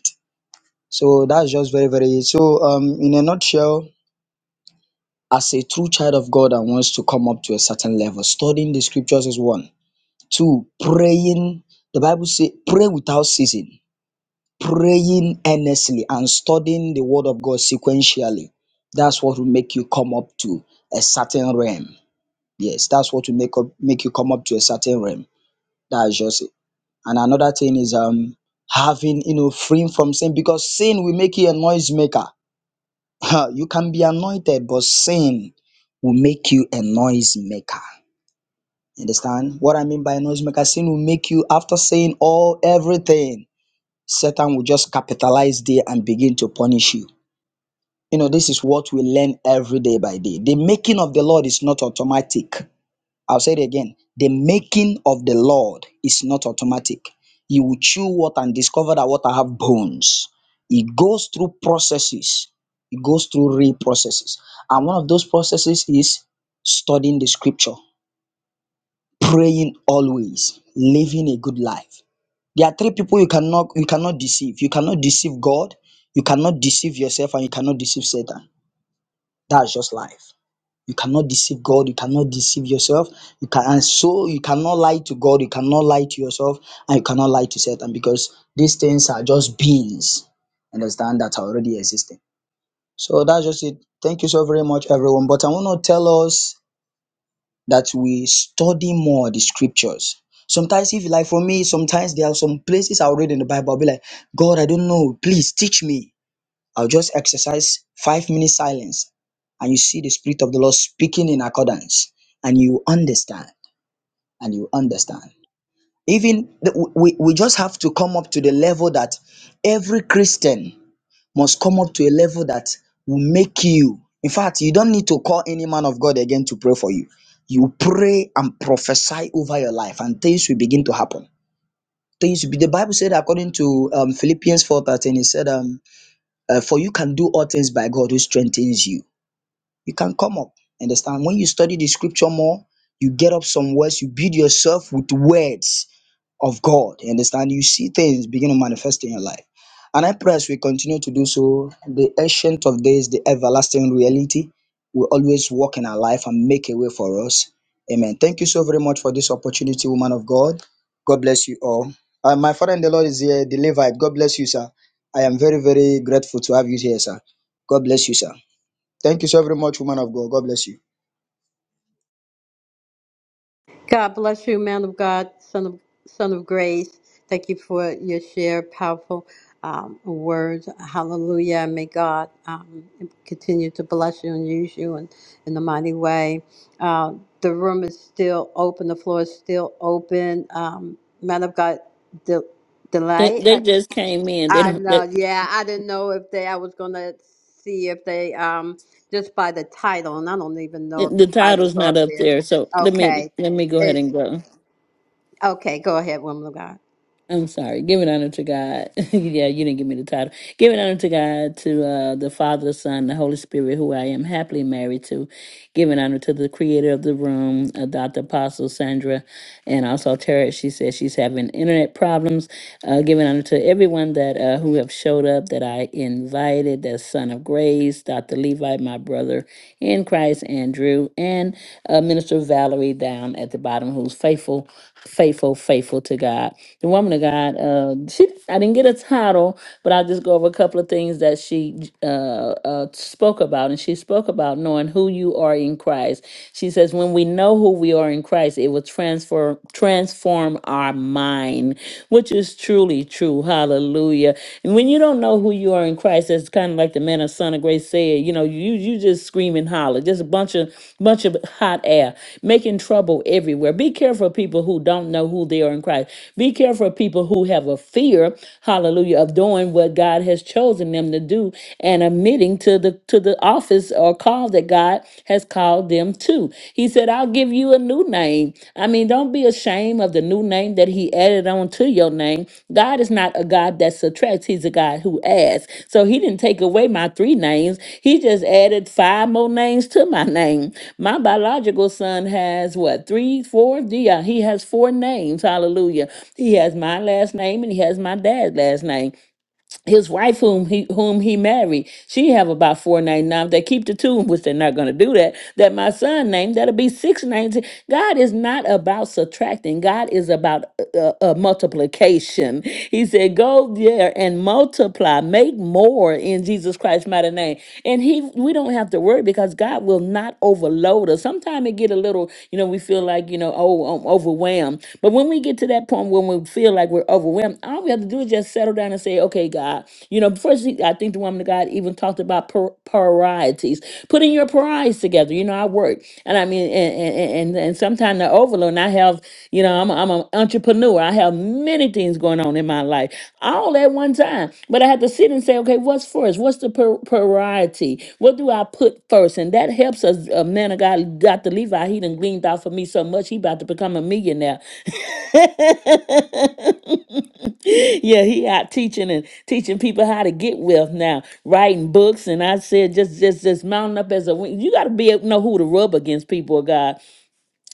so that's just very, very so um in a nutshell, as a true child of God and wants to come up to a certain level, studying the scriptures is one. Two, praying. The Bible says pray without ceasing, praying earnestly and studying the word of God sequentially. That's what will make you come up to a certain realm. Yes, that's what will make up make you come up to a certain realm. That's just it. And another thing is um having you know freeing from sin because sin will make you a noisemaker you can be anointed, but sin will make you a noisemaker. Understand what I mean by a noisemaker? Sin will make you, after saying all everything, Satan will just capitalize there and begin to punish you. You know, this is what we learn every day by day. The making of the Lord is not automatic. I'll say it again. The making of the Lord is not automatic. You will chew what and discover that what I have bones. It goes through processes. It goes through real processes. And one of those processes is studying the scripture, praying always, living a good life. There are three people you cannot you cannot deceive. You cannot deceive God, you cannot deceive yourself, and you cannot deceive Satan. That's just life. You cannot deceive God. You cannot deceive yourself. You can, and so you cannot lie to God. You cannot lie to yourself, and you cannot lie to Satan because these things are just beings. Understand that are already existing. So that's just it. Thank you so very much, everyone. But I want to tell us that we study more the scriptures. Sometimes, if you like, for me, sometimes there are some places I will read in the Bible. I'll be like, God, I don't know. Please teach me. I'll just exercise five minutes silence and you see the Spirit of the Lord speaking in accordance and you understand and you understand. Even the, we, we just have to come up to the level that every Christian must come up to a level that will make you. In fact, you don't need to call any man of God again to pray for you. You pray and prophesy over your life and things will begin to happen. Things will be, the Bible said according to um, Philippians 4.13, it said, um, uh, for you can do all things by God who strengthens you. you can come up. Understand? When you study the scripture more, you get up some words, you build yourself with words of God. Understand? You see things begin to manifest in your life. And I pray as we continue to do so, the ancient of days, the everlasting reality, will always walk in our life and make a way for us. Amen. Thank you so very much for this opportunity, woman of God. God bless you all. Uh, my father in the Lord is here, the Levite. God bless you, sir. I am very, very grateful to have you here, sir. God bless you, sir. Thank you so very much, woman of God. God bless you. God bless you, man of God, son of son of grace. Thank you for your share, powerful um, words. Hallelujah. May God um, continue to bless you and use you in, in a mighty way. Uh, the room is still open. The floor is still open. Um, man of God, de- They delight. they just came in. They I don't. They, know, yeah. I didn't know if they, I was gonna see if they, um, just by the title, and I don't even the know if the the title's title's not up up there. there. So let me Okay. let me go ahead and It's, go. okay, go ahead, woman of God. I'm sorry. Giving honor to God. yeah, you didn't give me the title. Giving honor to God, to uh, the Father, the Son, the Holy Spirit, who I am happily married to. Giving honor to the creator of the room, uh, Dr. Apostle Sandra, and also Tara. She says she's having internet problems. Uh, giving honor to everyone that uh, who have showed up that I invited. That Son of Grace, Dr. Levi, my brother, in Christ Andrew and uh, Minister Valerie down at the bottom, who's faithful, faithful, faithful to God. The woman of God, uh, she, I didn't get a title, but I'll just go over a couple of things that she uh, uh, spoke about. And she spoke about knowing who you are in Christ. She says, when we know who we are in Christ, it will transform transform our mind, which is true." truly true. Hallelujah. And when you don't know who you are in Christ, that's kind of like the man of Son of Grace said, you know, you you just scream and holler, just a bunch of bunch of hot air, making trouble everywhere. Be careful of people who don't know who they are in Christ. Be careful of people who have a fear, hallelujah, of doing what God has chosen them to do and admitting to the to the office or call that God has called them them too. He said, I'll give you a new name. I mean, don't be ashamed of the new name that he added on to your name. God is not a God that subtracts, he's a God who adds. So he didn't take away my three names. He just added five more names to my name. My biological son has what, three, four? Yeah, he has four names. Hallelujah. He has my last name and he has my dad's last name his wife whom he whom he married she have about 499 they keep the two which they're not going to do that that my son named that'll be 690 god is not about subtracting god is about uh, uh, uh, multiplication he said go there and multiply make more in jesus christ's mighty name and he we don't have to worry because god will not overload us sometimes it get a little you know we feel like you know oh I'm overwhelmed but when we get to that point when we feel like we're overwhelmed but when all we have to do is just settle down and say, okay, God, you know, first I think the woman of God even talked about par- parieties, putting your priorities together. You know, I work, and I mean, and and and, and sometimes the overload. And I have, you know, I'm a, I'm an entrepreneur. I have many things going on in my life, all at one time. But I have to sit and say, okay, what's first? What's the par- priority? What do I put first? And that helps us. A man of God, Dr. Levi, he done gleaned out for me so much. He about to become a millionaire. yeah, he out teaching and teaching people how to get wealth now, writing books. And I said, just, just, just mounting up as a wing. You got to be able to know who to rub against people, of God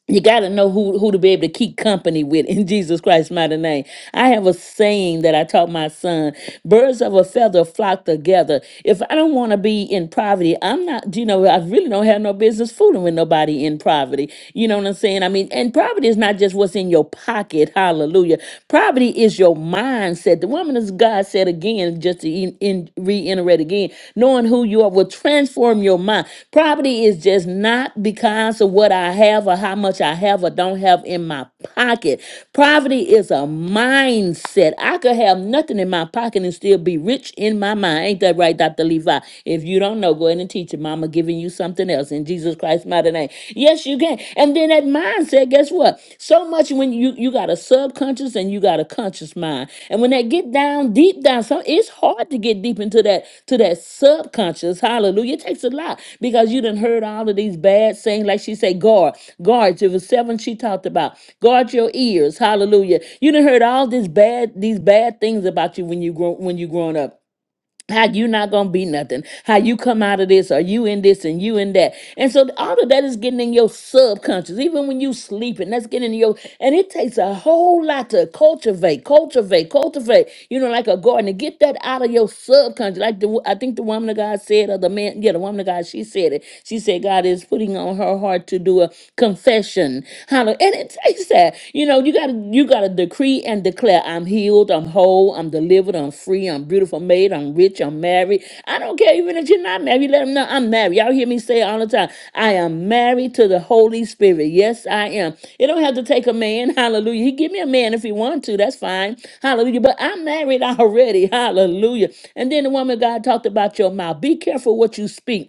you got to know who, who to be able to keep company with in Jesus Christ's mighty name. I have a saying that I taught my son birds of a feather flock together. If I don't want to be in poverty, I'm not, you know, I really don't have no business fooling with nobody in poverty. You know what I'm saying? I mean, and poverty is not just what's in your pocket. Hallelujah. Poverty is your mindset. The woman of God said again, just re- in, re-enter it again, knowing who you are will transform your mind. Poverty is just not because of what I have or how much I have or don't have in my pocket. Poverty is a mindset. I could have nothing in my pocket and still be rich in my mind. Ain't that right, Dr. Levi? If you don't know, go ahead and teach it. Mama giving you something else in Jesus Christ's mighty name. Yes, you can. And then at that mindset, guess what? So much when you you got a subconscious and you got a conscious mind, and when that get down deep down, some it's hard to get deep into that to that subconscious. Hallelujah! It takes a lot because you done heard all of these bad sayings, like she said, guard, guard. There was seven she talked about. Guard your ears. Hallelujah! You done heard all this bad these bad things about you when you grow when you growing up how you not gonna be nothing how you come out of this Are you in this and you in that and so all of that is getting in your subconscious even when you sleeping that's getting in your and it takes a whole lot to cultivate cultivate cultivate you know like a garden to get that out of your subconscious like the i think the woman of god said or the man yeah the woman of god she said it she said god is putting on her heart to do a confession hallelujah and it takes that you know, you gotta you gotta decree and declare I'm healed, I'm whole, I'm delivered, I'm free, I'm beautiful made, I'm rich, I'm married. I don't care even if you're not married, let them know I'm married. Y'all hear me say it all the time. I am married to the Holy Spirit. Yes, I am. It don't have to take a man. Hallelujah. He give me a man if he want to. That's fine. Hallelujah. But I'm married already. Hallelujah. And then the woman of God talked about your mouth. Be careful what you speak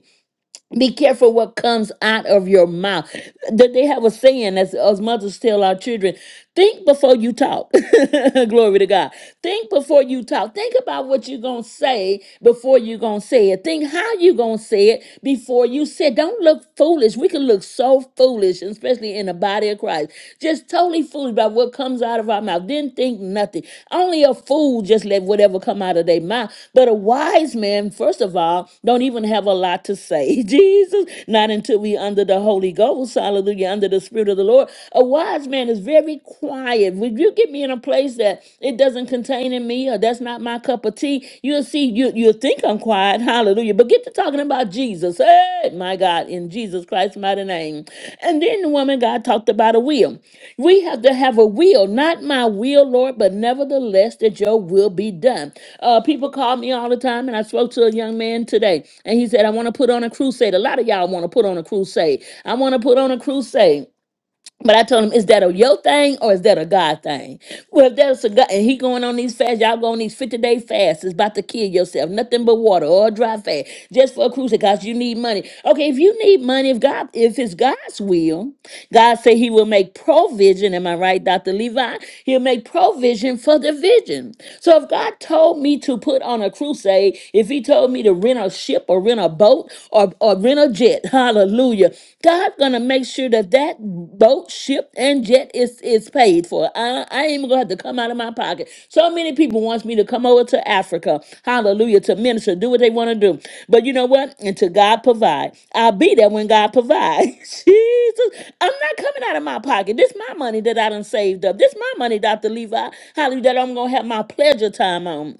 be careful what comes out of your mouth. That they have a saying as, as mothers tell our children, think before you talk. Glory to God. Think before you talk. Think about what you're gonna say before you're gonna say it. Think how you're gonna say it before you say it. Don't look foolish. We can look so foolish, especially in the body of Christ. Just totally foolish about what comes comes out of our mouth. Didn't think nothing. Only a fool just let whatever come out of their mouth. But a wise man, first of all, don't even have a lot to say. Jesus, not until we under the Holy Ghost, hallelujah, under the Spirit of the Lord. A wise man is very quiet. When you get me in a place that it doesn't contain in me or that's not my cup of tea, you'll see you you think I'm quiet. Hallelujah. But get to talking about Jesus. Hey, my God, in Jesus Christ's mighty name. And then the woman God talked about a will. We have to have a will, not my will, Lord, but nevertheless that your will be done. Uh, people call me all the time, and I spoke to a young man today, and he said, I want to put on a crusade. A lot of y'all want to put on a crusade. I want to put on a crusade. But I told him, is that a yo thing or is that a God thing? Well, if that's a God, and he going on these fasts, y'all going on these 50 day fasts, it's about to kill yourself. Nothing but water or dry fast, just for a cruise because you need money. Okay, if you need money, if God, if it's God's will, God said he will make provision. Am I right, Dr. Levi? He'll make provision for the vision. So if God told me to put on a crusade, if he told me to rent a ship or rent a boat or, or rent a jet. Hallelujah. God's gonna make sure that that boat, ship, and jet is is paid for. I, I ain't even gonna have to come out of my pocket. So many people wants me to come over to Africa. Hallelujah. To minister, do what they want to do. But you know what? Until God provide, I'll be there when God provides. Jesus, I'm not coming out of my pocket. This my money that I done saved up. This my money, Dr. Levi. Hallelujah. That I'm gonna have my pleasure time on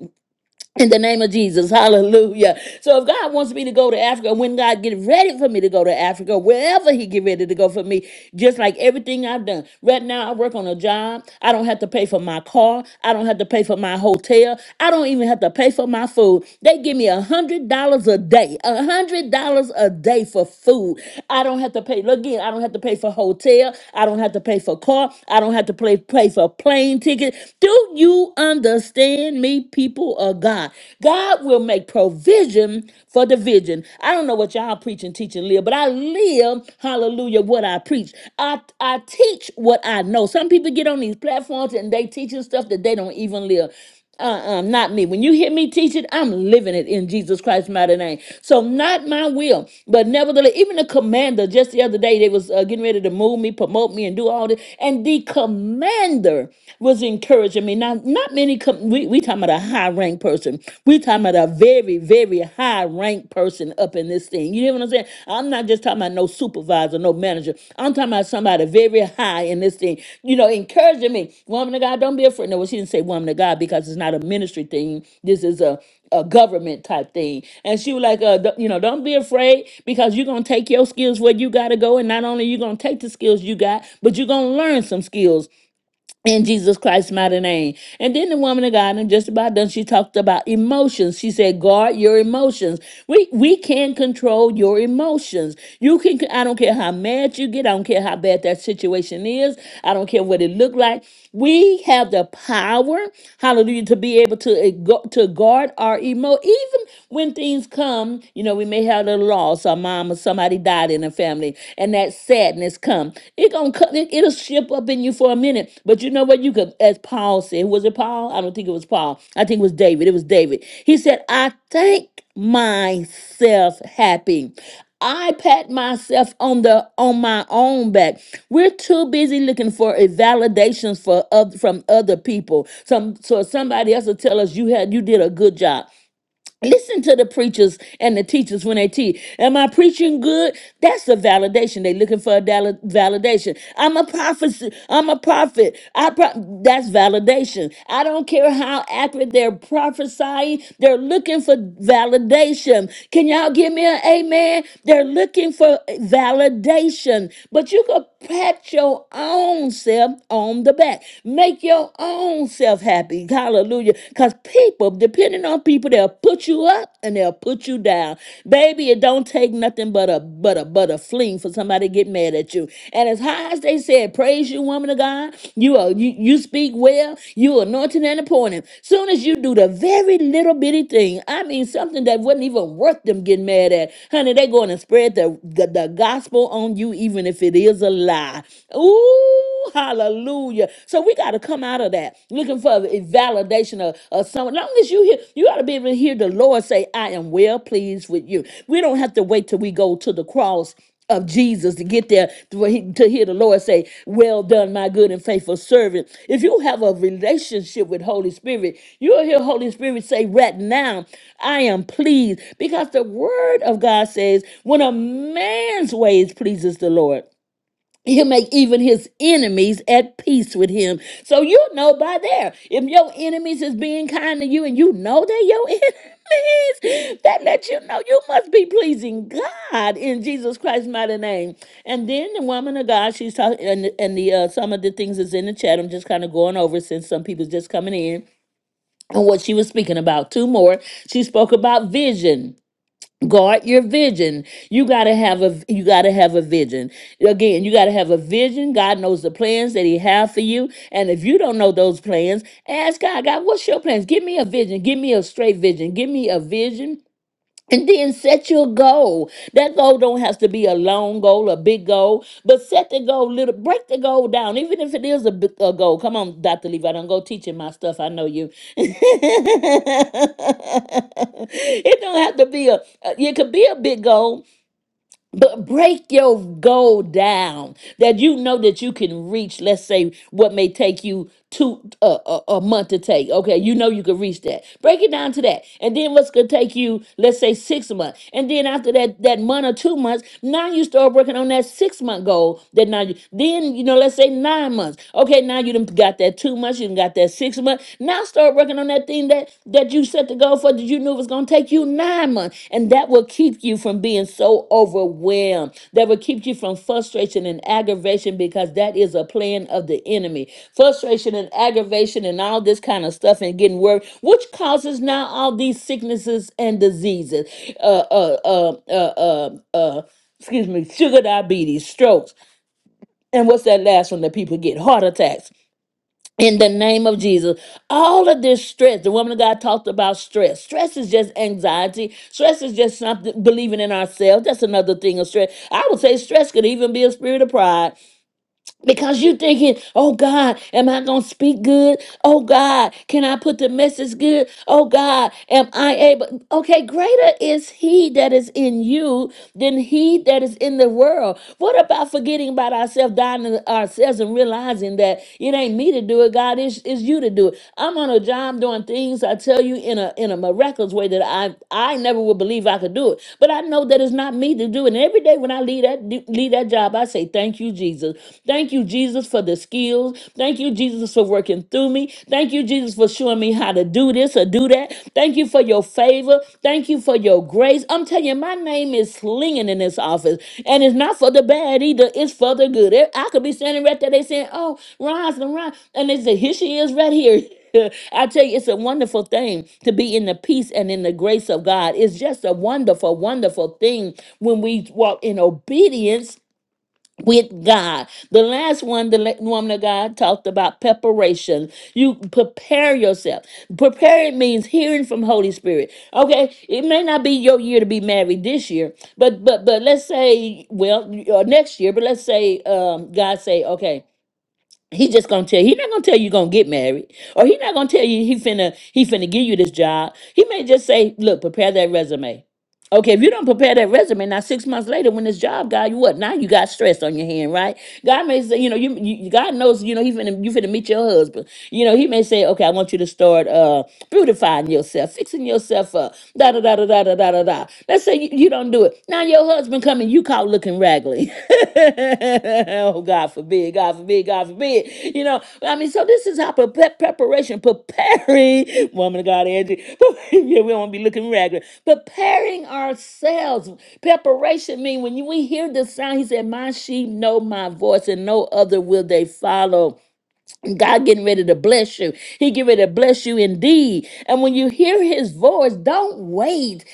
in the name of Jesus, hallelujah. So if God wants me to go to Africa, when God get ready for me to go to Africa, wherever he get ready to go for me, just like everything I've done. Right now I work on a job. I don't have to pay for my car. I don't have to pay for my hotel. I don't even have to pay for my food. They give me a hundred dollars a day. A hundred dollars a day for food. I don't have to pay look again, I don't have to pay for hotel. I don't have to pay for car. I don't have to pay, pay for plane ticket. Do you understand? understand me, people of God. God will make provision for the vision. I don't know what y'all preach and teach and live, but I live, hallelujah, what I preach. I, I teach what I know. Some people get on these platforms and they teaching stuff that they don't even live. Uh-uh, not me. When you hear me teach it, I'm living it in Jesus Christ's mighty name. So not my will, but nevertheless, even the commander just the other day, they was uh, getting ready to move me, promote me, and do all this. And the commander was encouraging me. Now, not many, com- we, we talking about a high rank person. We talking about a very, very high rank person up in this thing. You know get what I'm saying? I'm not just talking about no supervisor, no manager. I'm talking about somebody very high in this thing. You know, encouraging me, woman of God, don't be afraid. No, well, she didn't say woman of God because it's not a ministry thing. This is a a government type thing. And she was like, uh, d- you know, don't be afraid because you're going to take your skills where you got to go. And not only you going to take the skills you got, but you're going to learn some skills in Jesus Christ's mighty name. And then the woman of God, and just about done, she talked about emotions. She said, guard your emotions. We we can control your emotions. You can I don't care how mad you get, I don't care how bad that situation is, I don't care what it looked like. We have the power, hallelujah, to be able to, ego- to guard our emo. Even when things come, you know, we may have a loss, our mom or somebody died in the family, and that sadness come. It gonna come, it, it'll ship up in you for a minute. But you know what? You could, as Paul said, was it Paul? I don't think it was Paul. I think it was David. It was David. He said, I thank make myself happy. I pat myself on the on my own back. We're too busy looking for a validations for oth- from other people. Some so somebody else will tell us you had you did a good job. Listen to the preachers and the teachers when they teach. Am I preaching good? That's the validation. They looking for a dal- validation. I'm a prophet. I'm a prophet. I pro- that's validation. I don't care how accurate they're prophesying. They're looking for validation. Can y'all give me an amen? They're looking for validation. But you could pat your own self on the back. Make your own self happy. Hallelujah. Because people, depending on people, they'll put you up and they'll put you down. Baby, it don't take nothing but a but a but a fling for somebody to get mad at you. And as high as they said, praise you, woman of God, you are you, you speak well, you anointed and appointed. Soon as you do the very little bitty thing, I mean something that wasn't even worth them getting mad at, honey, they going to spread the, the the gospel on you, even if it is a lie. Ooh. Hallelujah. So we got to come out of that looking for the validation of, of someone. Long as you hear, you got to be able to hear the Lord say, I am well pleased with you. We don't have to wait till we go to the cross of Jesus to get there to, where he- to hear the Lord say, Well done, my good and faithful servant. If you have a relationship with Holy Spirit, you'll hear Holy Spirit say, Right now, I am pleased. Because the word of God says, When a man's ways pleases the Lord, He'll make even his enemies at peace with him. So you know by there, if your enemies is being kind to you and you know they're your enemies, that lets you know you must be pleasing God in Jesus Christ's mighty name. And then the woman of God, she's talking, and, and the uh, some of the things is in the chat. I'm just kind of going over since some people's just coming in and what she was speaking about. Two more. She spoke about vision guard your vision you got to have a you got to have a vision again you got to have a vision god knows the plans that he have for you and if you don't know those plans ask god god what's your plans give me a vision give me a straight vision give me a vision and then set your goal. That goal don't have to be a long goal, a big goal, but set the goal little. Break the goal down, even if it is a, big, a goal. Come on, Doctor Levi, don't go teaching my stuff. I know you. it don't have to be a. a- It could be a big goal, but break your goal down that you know that you can reach, let's say, what may take you two uh, a, a month to take. Okay, you know you can reach that. Break it down to that. And then what's going to take you, let's say, six months. And then after that, that month or two months, now you start working on that six month goal. That now you, then, you know, let's say nine months. Okay, now you done got that two months, you done got that six months. Now start working on that thing that that you set to go for that you knew was going to take you nine months and that will keep you from being so overwhelmed that will keep you from frustration and aggravation because that is a plan of the enemy frustration and aggravation and all this kind of stuff and getting worried which causes now all these sicknesses and diseases uh uh uh uh uh, uh excuse me sugar diabetes strokes and what's that last one that people get heart attacks in the name of Jesus. All of this stress, the woman of God talked about stress. Stress is just anxiety. Stress is just something believing in ourselves. That's another thing of stress. I would say stress could even be a spirit of pride. Because you thinking, oh God, am I gonna speak good? Oh God, can I put the message good? Oh God, am I able? Okay, greater is He that is in you than He that is in the world. What about forgetting about ourselves, dying to ourselves, and realizing that it ain't me to do it, God, it's, it's you to do it. I'm on a job doing things I tell you in a in a miraculous way that I I never would believe I could do it, but I know that it's not me to do it. And every day when I leave that leave that job, I say thank you. Thank you, Jesus. Thank you, Jesus, for the skills. Thank you, Jesus, for working through me. Thank you, Jesus, for showing me how to do this or do that. Thank you for your favor. Thank you for your grace. I'm telling you, my name is slinging in this office, and it's not for the bad either. It's for the good. I could be standing right there. They saying, "Oh, Rosalind, Ron," and they say, "Here she is, right here." I tell you, it's a wonderful thing to be in the peace and in the grace of God. It's just a wonderful, wonderful thing when we walk in obedience with God. The last one, the la- woman of God talked about preparation. You prepare yourself. Prepare it means hearing from Holy Spirit. Okay, it may not be your year to be married this year, but but but let's say well or next year, but let's say um, God say okay. He just gonna tell he not gonna tell you gonna get married, or he not gonna tell you he finna he finna give you this job. He may just say, look, prepare that resume. Okay, if you don't prepare that resume, now six months later, when this job guy, you what? Now you got stress on your hand, right? God may say, you know, you, you God knows, you know, he finna you finna meet your husband. You know, he may say, okay, I want you to start uh beautifying yourself, fixing yourself up, da da da da da da da da. da. Let's say you, you don't do it. Now your husband coming, you caught looking raggedy. oh, God forbid, God forbid, God forbid. You know, I mean, so this is how pre- preparation, preparing, woman of God, Angie. yeah, we don't want to be looking ragged. Preparing ourselves. Preparation mean when you, we hear the sound, he said, My sheep know my voice, and no other will they follow. God getting ready to bless you. He getting ready to bless you indeed. And when you hear his voice, don't wait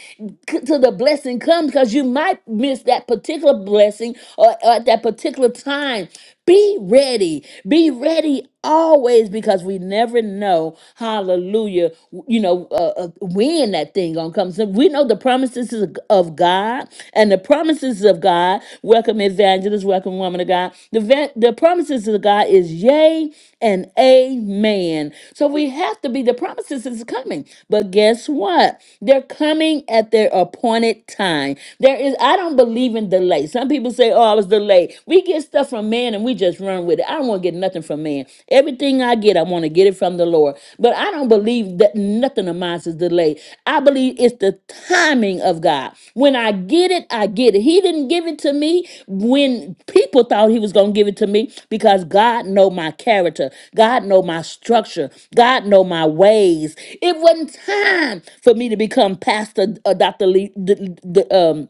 c- till the blessing comes because you might miss that particular blessing or, or at that particular time. Be ready. Be ready always because we never know, hallelujah, w- you know, uh, uh, when that thing going to come. So we know the promises of God God and the promises of God. Welcome, evangelist. Welcome, woman of God. The, va- the promises of God is yea and amen. So we have to be, the promises is coming. But guess what? They're coming at their appointed time. There is, I don't believe in delay. Some people say, oh, I was delayed. We get stuff from man and we just run with it. I don't want to get nothing from man. Everything Everything I get, I want to get it from the Lord. But I don't believe that nothing of mine is delayed. I believe it's the timing of God. When I get it, I get it. He didn't give it to me when people thought he was going to give it to me because God know my character. God know my structure. God know my ways. It wasn't time for me to become pastor, uh, Dr. Lee, the,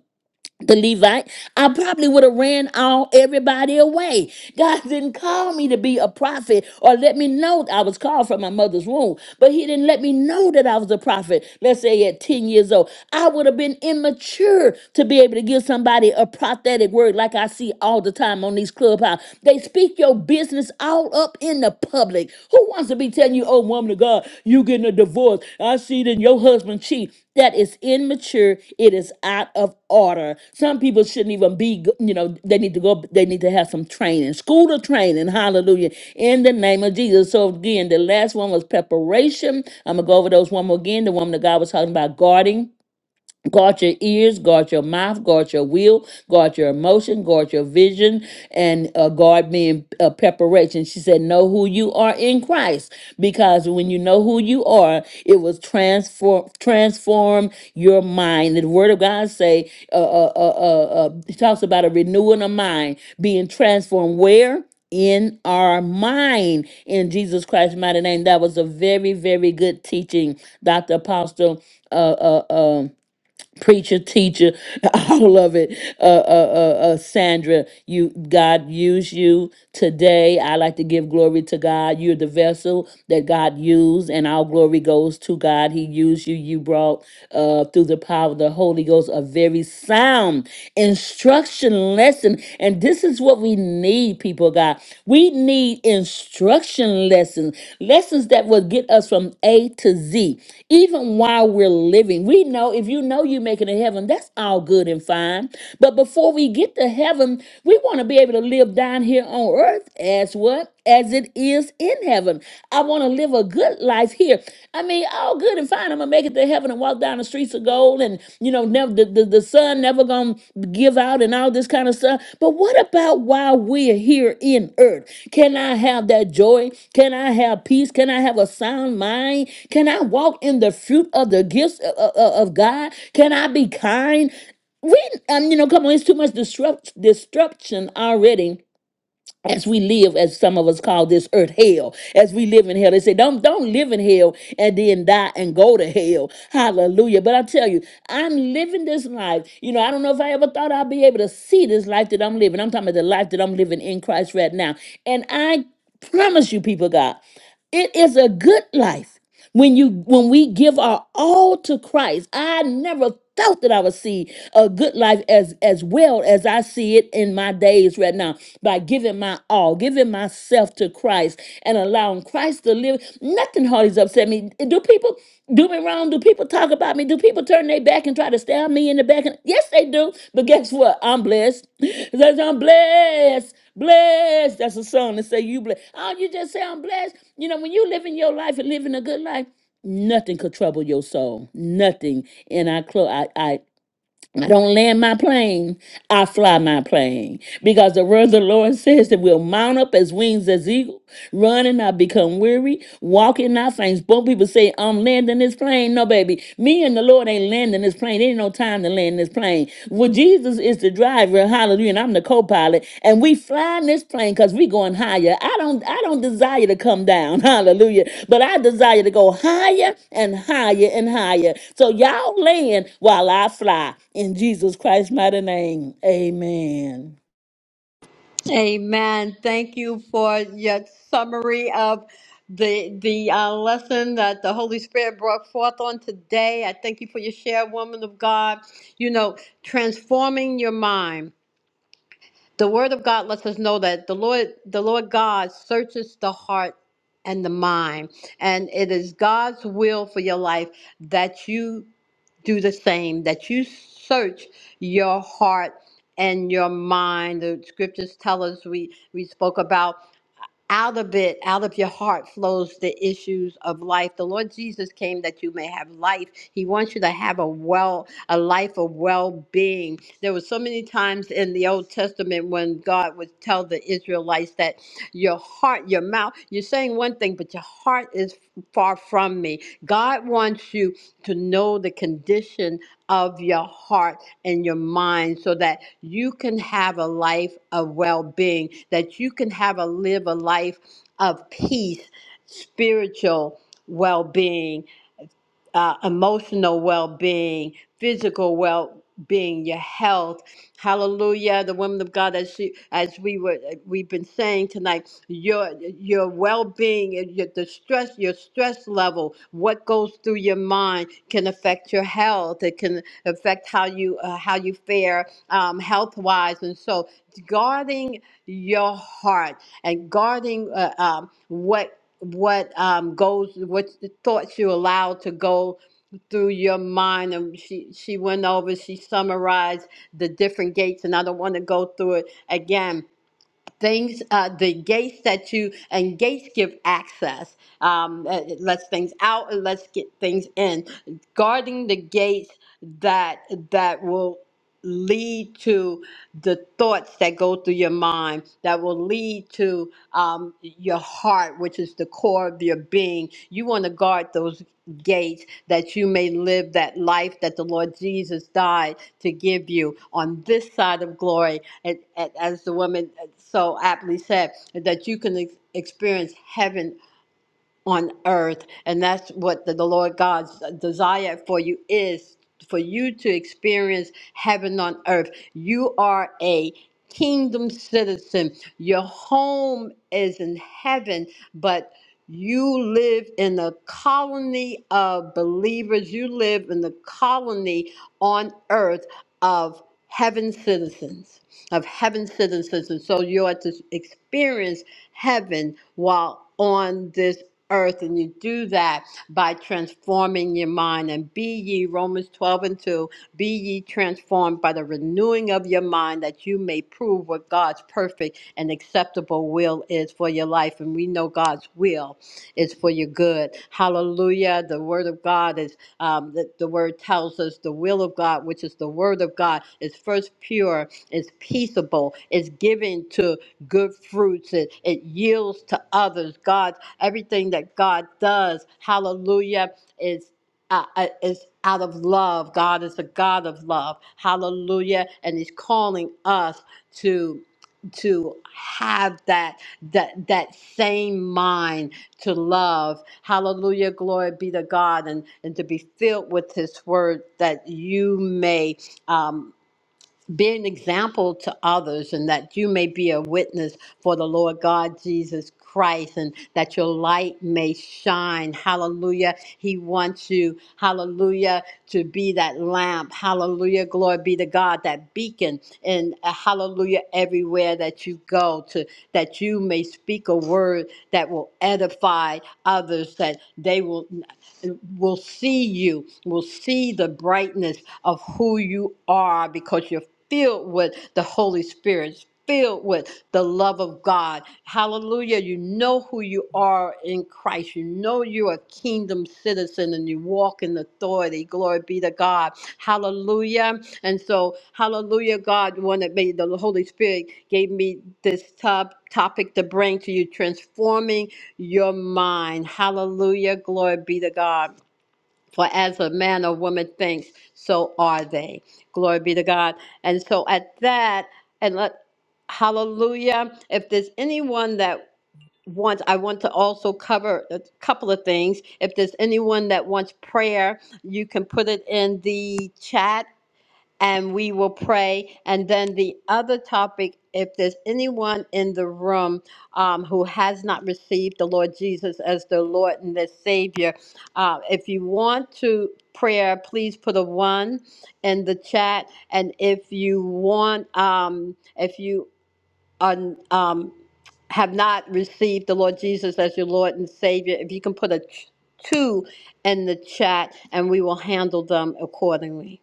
the Levite, I probably would have ran all everybody away. God didn't call me to be a prophet or let me know I was called from my mother's womb, but He didn't let me know that I was a prophet. Let's say at 10 years old, I would have been immature to be able to give somebody a prophetic word like I see all the time on these clubhouse. They speak your business all up in the public. Who wants to be telling you, oh, woman of God, you getting a divorce? I see that your husband cheat that is immature it is out of order some people shouldn't even be g- you know they need to go they need to have some training school to training hallelujah in the name of jesus so again the last one was preparation i'm gonna go over those one more again the woman that god was talking about guarding Guard your ears, guard your mouth, guard your will, guard your emotion, guard your vision, and uh, guard being uh, preparation. She said, Know who you are in Christ, because when you know who you are, it was transform transform your mind. The Word of God say uh, uh, uh, uh, uh, talks about a renewing of mind, being transformed where in our mind in Jesus Christ's mighty name. That was a very very good teaching, Doctor Apostle. Uh, uh, um preacher, teacher, all of it. Uh, uh, uh, uh, Sandra, you God used you today. I like to give glory to God. You're the vessel that God used, and our glory goes to God. He used you. You brought uh, through the power of the Holy Ghost a very sound instruction lesson, and this is what we need need, people of God. We need instruction lessons, lessons that will get us from A to Z, even while we're living. We know if you know you're making it to heaven, that's all good and fine. But before we get to heaven, we want to be able to live down here on earth as what? as it is in heaven. I want to live a good life here. I mean, all good and fine. I'm gonna make it to heaven and walk down the streets of gold, and you know, never the, the, the sun never gonna give out and all this kind of stuff. But what about while we're here in earth? Can I have that joy? Can I have peace? Can I have a sound mind? Can I walk in the fruit of the gifts o- o- o- of God? Can I be kind? We, um, you know, come on, it's too much disrupt, disruption already as we live, as some of us call this earth hell, as we live in hell, they say, don't, don't live in hell and then die and go to hell. Hallelujah. But I tell you, I'm living this life. You know, I don't know if I ever thought I'd be able to see this life that I'm living. I'm talking about the life that I'm living in Christ right now. And I promise you, people, God. It is a good life when you when we give our all to Christ. I never thought that I would see a good life as as well as I see it in my days right now by giving my all, giving myself to Christ and allowing Christ to live. Nothing hardly upset me. Do people? do? do me wrong? Do people talk about me? Do people turn their back and try to stab me in the back? And yes, they do. But guess what? I'm blessed. It says I'm blessed, blessed. That's a song that say you blessed. Oh, you just say I'm blessed. You know, when you living your life and living a good life, nothing could trouble your soul. Nothing. And I close. I, I I don't land my plane, I fly my plane. Because the word of the Lord says that we'll mount up as wings as eagle, run and not become weary, walk and not faint. Both people say, I'm landing this plane. No, baby, me and the Lord ain't landing this plane. Ain't no time to land this plane. Well, Jesus is is the driver, hallelujah, and I'm the co-pilot, and we flying this plane because we going higher. I don't I don't desire to come down, hallelujah, but I desire to go higher and higher and higher. So y'all land while I fly in Jesus Christ's mighty name. Amen. Amen. Thank you for your summary of the the uh, lesson that the Holy Spirit brought forth on today. I thank you for your share, woman of God. You know, transforming your mind. The word of God lets us know that the Lord, the Lord God searches the heart and the mind, and it is God's will for your life that you do the same, that you search your heart and your mind. The scriptures tell us we we spoke about out of it, out of your heart flows the issues of life. The Lord Jesus came that you may have life. He wants you to have a well, a life of well-being. There were so many times in the Old Testament when God would tell the Israelites that your heart, your mouth, you're saying one thing, but your heart is far from me. God wants you to know the condition of your heart and your mind so that you can have a life of well-being that you can have a live a life of peace spiritual well-being uh, emotional well being, physical well being, your health. Hallelujah. The woman of God, as she, as we were, uh, we've been saying tonight, your your well being, your the stress, your stress level, what goes through your mind can affect your health. It can affect how you uh, how you fare um, health wise, and so guarding your heart and guarding uh, um, what what um, goes, what thoughts you allow to go through your mind. And she, she went over, she summarized the different gates, and I don't want to go through it again. Things, uh, the gates that you, and gates give access. Um, it it lets things out, and lets get things in. Guarding the gates that, that will lead to the thoughts that go through your mind that will lead to um, your heart, which is the core of your being. You want to guard those gates that you may live that life that the Lord Jesus died to give you on this side of glory. And, and as the woman uh, so aptly said, that you can ex- experience heaven on earth. And that's what the, the Lord God's uh, desire for you is for you to experience heaven on earth. You are a kingdom citizen. Your home is in heaven, but you live in a colony of believers. You live in the colony on earth of heaven citizens of heaven's citizens. And so you are to experience heaven while on this earth. And you do that by transforming your mind. And be ye, Romans 12 and 2, be ye transformed by the renewing of your mind that you may prove what God's perfect and acceptable will is for your life. And we know God's will is for your good. Hallelujah. The word of God is um, that the word tells us the will of God, which is the word of God, is first pure, is peaceable, is given to good fruits, it, it yields to others. God, everything that God does, hallelujah, is uh, uh, is out of love. God is a God of love. Hallelujah. And He's calling us to to have that that that same mind to love hallelujah glory be to god and and to be filled with his word that you may um, be an example to others and that you may be a witness for the Lord God Jesus Christ and that your light may shine. Hallelujah. He wants you, hallelujah, to be that lamp. Hallelujah. Glory be to God, that beacon and uh, hallelujah everywhere that you go to that you may speak a word that will edify others that they will will see you, will see the brightness of who you are because you're filled with the Holy Spirit, filled with the love of God. Hallelujah. You know who you are in Christ. You know you're a kingdom citizen and you walk in authority. Glory be to God. Hallelujah. And so, hallelujah, God, the one that made the Holy Spirit gave me this top topic to bring to you, transforming your mind. Hallelujah. Glory be to God. For as a man or woman thinks, so are they. Glory be to God. And so at that, and let hallelujah. If there's anyone that wants, I want to also cover a couple of things. If there's anyone that wants prayer, you can put it in the chat and we will pray. And then the other topic, if there's anyone in the room um, who has not received the Lord Jesus as their Lord and their Savior, uh, if you want to prayer, please put a one in the chat. And if you want, um, if you are, um, have not received the Lord Jesus as your Lord and Savior, if you can put a t- two in the chat, and we will handle them accordingly.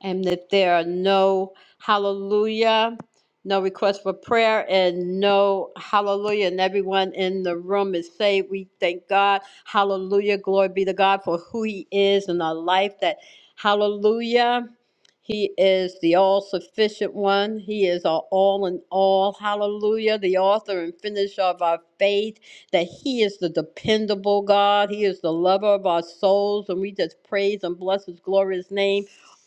And that there are no hallelujah, no request for prayer, and no hallelujah, and everyone in the room is saved, we thank God. Hallelujah. Glory be to God for who He is in our life. That hallelujah. He is the all sufficient one. He is our all in all. Hallelujah. The author and finisher of our faith. That He is the dependable God. He is the lover of our souls. And we just praise and bless His glorious name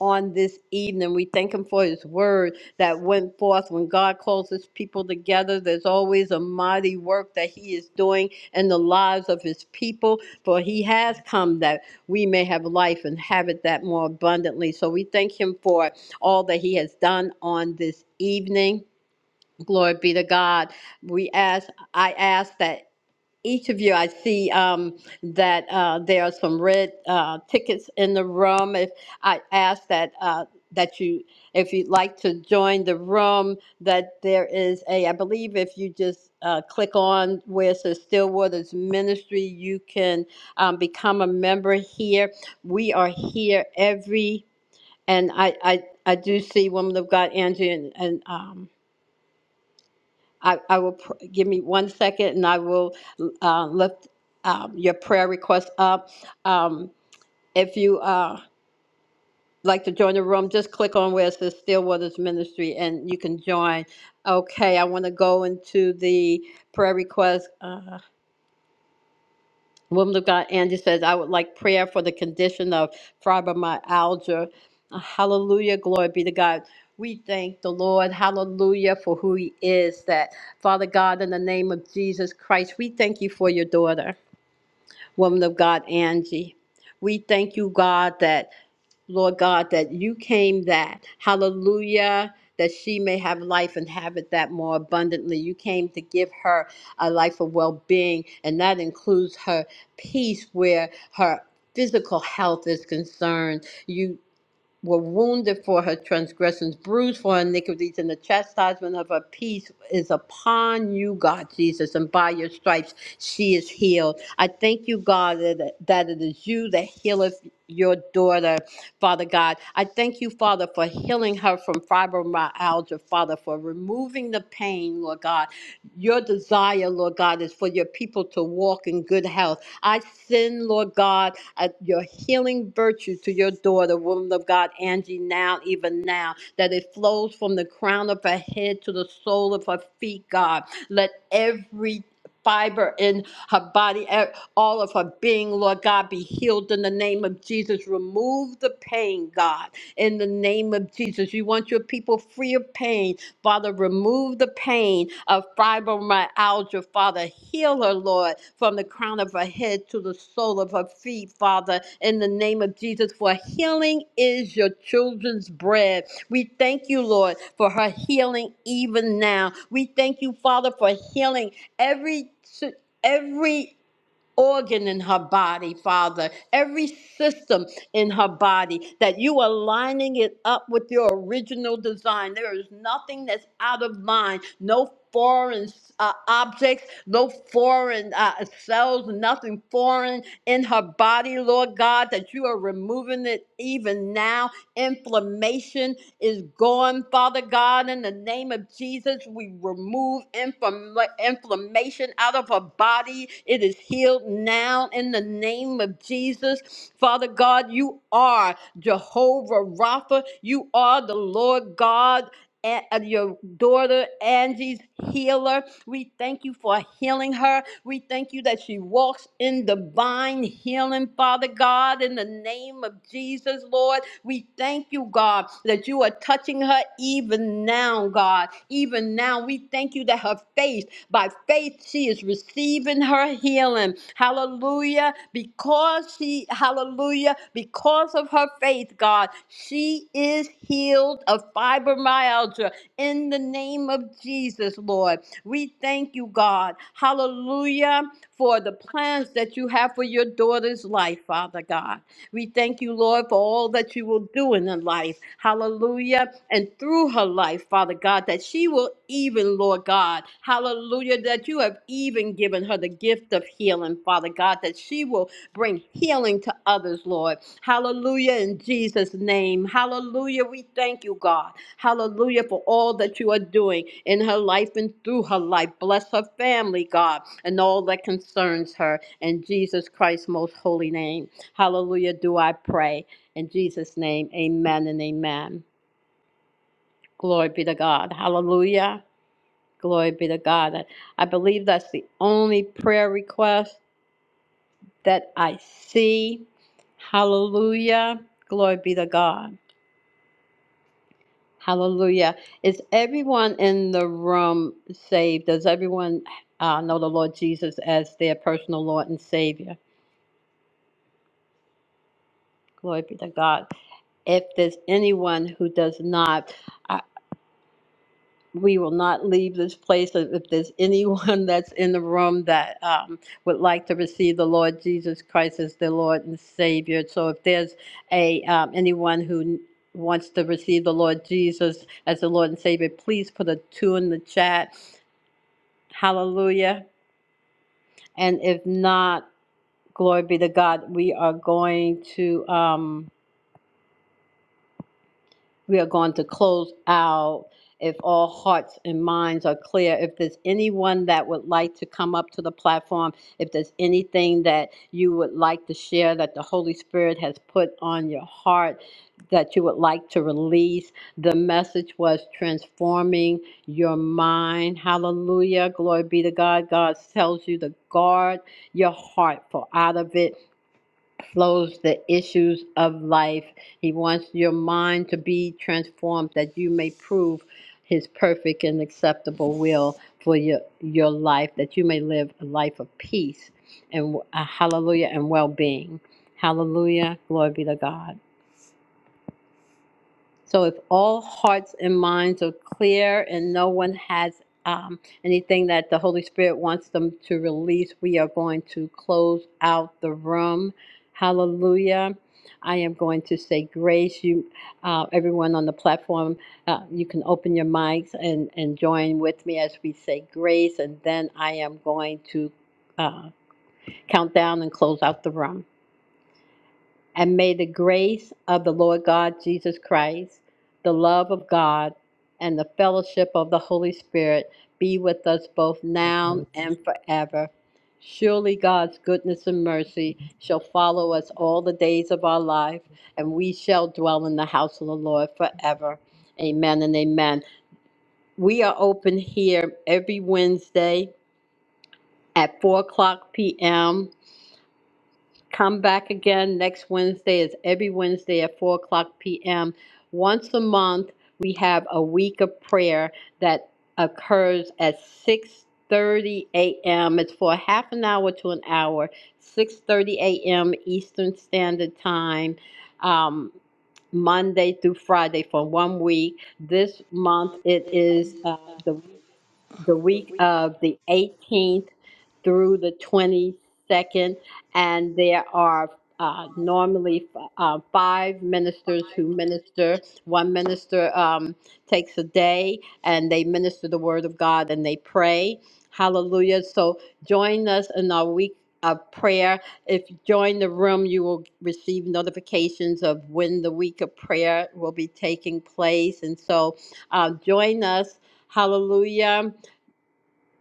on this evening. We thank him for his word that went forth. When God calls his people together, there's always a mighty work that he is doing in the lives of his people, for he has come that we may have life and have it that more abundantly. So we thank him for all that he has done on this evening. Glory be to God. We ask, I ask that each of you, I see um, that uh, there are some red uh, tickets in the room. If I ask that uh, that you, if you'd like to join the room, that there is a, I believe, if you just uh, click on where it says Stillwater's Ministry, you can um, become a member here. We are here every, and I, I, I do see Woman of God, Angie, and, and um, I, I will pr- give me one second and I will uh, lift um, your prayer request up. Um, if you uh, like to join the room, just click on where it says Stillwater's Ministry and you can join. Okay, I want to go into the prayer request. Uh, Woman of God, Angie says, I would like prayer for the condition of fibromyalgia. Hallelujah. Glory be to God. We thank the Lord, hallelujah, for who He is. That Father God, in the name of Jesus Christ, we thank you for your daughter, woman of God, Angie. We thank you, God, that Lord God, that you came that, hallelujah, that she may have life and have it that more abundantly. You came to give her a life of well being, and that includes her peace where her physical health is concerned. You were wounded for her transgressions, bruised for her iniquities, and the chastisement of her peace is upon you, God Jesus, and by your stripes she is healed. I thank you, God, that that it is you that healeth your daughter, Father God. I thank you, Father, for healing her from fibromyalgia, Father, for removing the pain, Lord God. Your desire, Lord God, is for your people to walk in good health. I send, Lord God, uh, your healing virtue to your daughter, woman of God, Angie, now, even now, that it flows from the crown of her head to the sole of her feet, God. Let every fiber in her body. e- all of her being, Lord God, be healed in the name of Jesus. Remove the pain, God, in the name of Jesus. You want your people free of pain. Father, remove the pain of fibromyalgia. Father, heal her, Lord, from the crown of her head to the sole of her feet, Father, in the name of Jesus. For healing is your children's bread. We thank you, Lord, for her healing even now. We thank you, Father, for healing every. Every organ in her body, Father, every system in her body, that you are lining it up with your original design. There is nothing that's out of line, no foreign uh, objects, no foreign uh, cells, nothing foreign in her body, Lord God, that you are removing it even now. Inflammation is gone Father God, in the name of Jesus, we remove inflam- inflammation out of her body. It is healed now in the name of Jesus. Father God, you are Jehovah Rapha. You are the Lord God a- uh, your daughter Angie's healer. We thank you for healing her. We thank you that she walks in divine healing, Father God, in the name of Jesus, Lord. We thank you, God, that you are touching her even now, God. Even now, we thank you that her faith, by faith, she is receiving her healing. Hallelujah. Because she, hallelujah, because of her faith, faith, God. She is healed of fibromyalgia in the name of Jesus, Lord. We thank you, God. Hallelujah, for the plans that you have for your daughter's life, Father God. We thank you, Lord, for all that you will do in her life. Hallelujah. And through her life, Father God, that she will even, Lord God, hallelujah, that you have even given her the gift of healing, Father God, that she will Bring healing to others, Lord. Hallelujah in Jesus' name. Hallelujah. We thank you, God. Hallelujah for all that you are doing in her life and through her life. Bless her family, God, and all that concerns her. In Jesus Christ's most holy name. Hallelujah. Do I pray. In Jesus' name, amen and amen. Glory be to God. Hallelujah. Glory be to God. I I believe that's the only prayer request that I see. Hallelujah. Glory be to God. Hallelujah. Is everyone in the room saved? Does everyone uh, know the Lord Jesus as their personal Lord and Savior? Glory be to God. If there's anyone who does not, I, we will not leave this place. If there's anyone that's in the room that um, would like to receive the Lord Jesus Christ as their Lord and Savior, so if there's a um, anyone who wants to receive the Lord Jesus as the Lord and Savior, please put a two in the chat. Hallelujah! And if not, glory be to God. We are going to. Um, we are going to close out if all hearts and minds are clear. If there's anyone that would like to come up to the platform, if there's anything that you would like to share that the Holy Spirit has put on your heart that you would like to release, the message was transforming your mind. Hallelujah. Glory be to God. God tells you to guard your heart, for out of it flows the issues of life. He wants your mind to be transformed that you may prove his perfect and acceptable will for your, your life, that you may live a life of peace and uh, hallelujah and well being. Hallelujah. Glory be to God. So if all hearts and minds are clear and no one has um, anything that the Holy Spirit wants them to release, we are going to close out the room. Hallelujah. I am going to say grace. You, uh, everyone on the platform, uh, you can open your mics and, and join with me as we say grace. And then I am going to uh, count down and close out the room. And may the grace of the Lord God Jesus Christ, the love of God, and the fellowship of the Holy Spirit be with us both now and forever. Surely God's goodness and mercy shall follow us all the days of our life, and we shall dwell in the house of the Lord forever. Amen and amen. We are open here every Wednesday at 4 o'clock p.m. Come back again next Wednesday. It's every Wednesday at 4 o'clock p.m. Once a month, we have a week of prayer that occurs at 6.30 a.m. It's for half an hour to an hour, 6.30 a.m. Eastern Standard Time, um, Monday through Friday for one week. This month, it is uh, the week the week of the 18th through the 22nd, and there are uh, normally uh, five ministers who minister. One minister um, takes a day and they minister the word of God and they pray. Hallelujah. So join us in our week of prayer. If you join the room, you will receive notifications of when the week of prayer will be taking place. And so uh, join us Hallelujah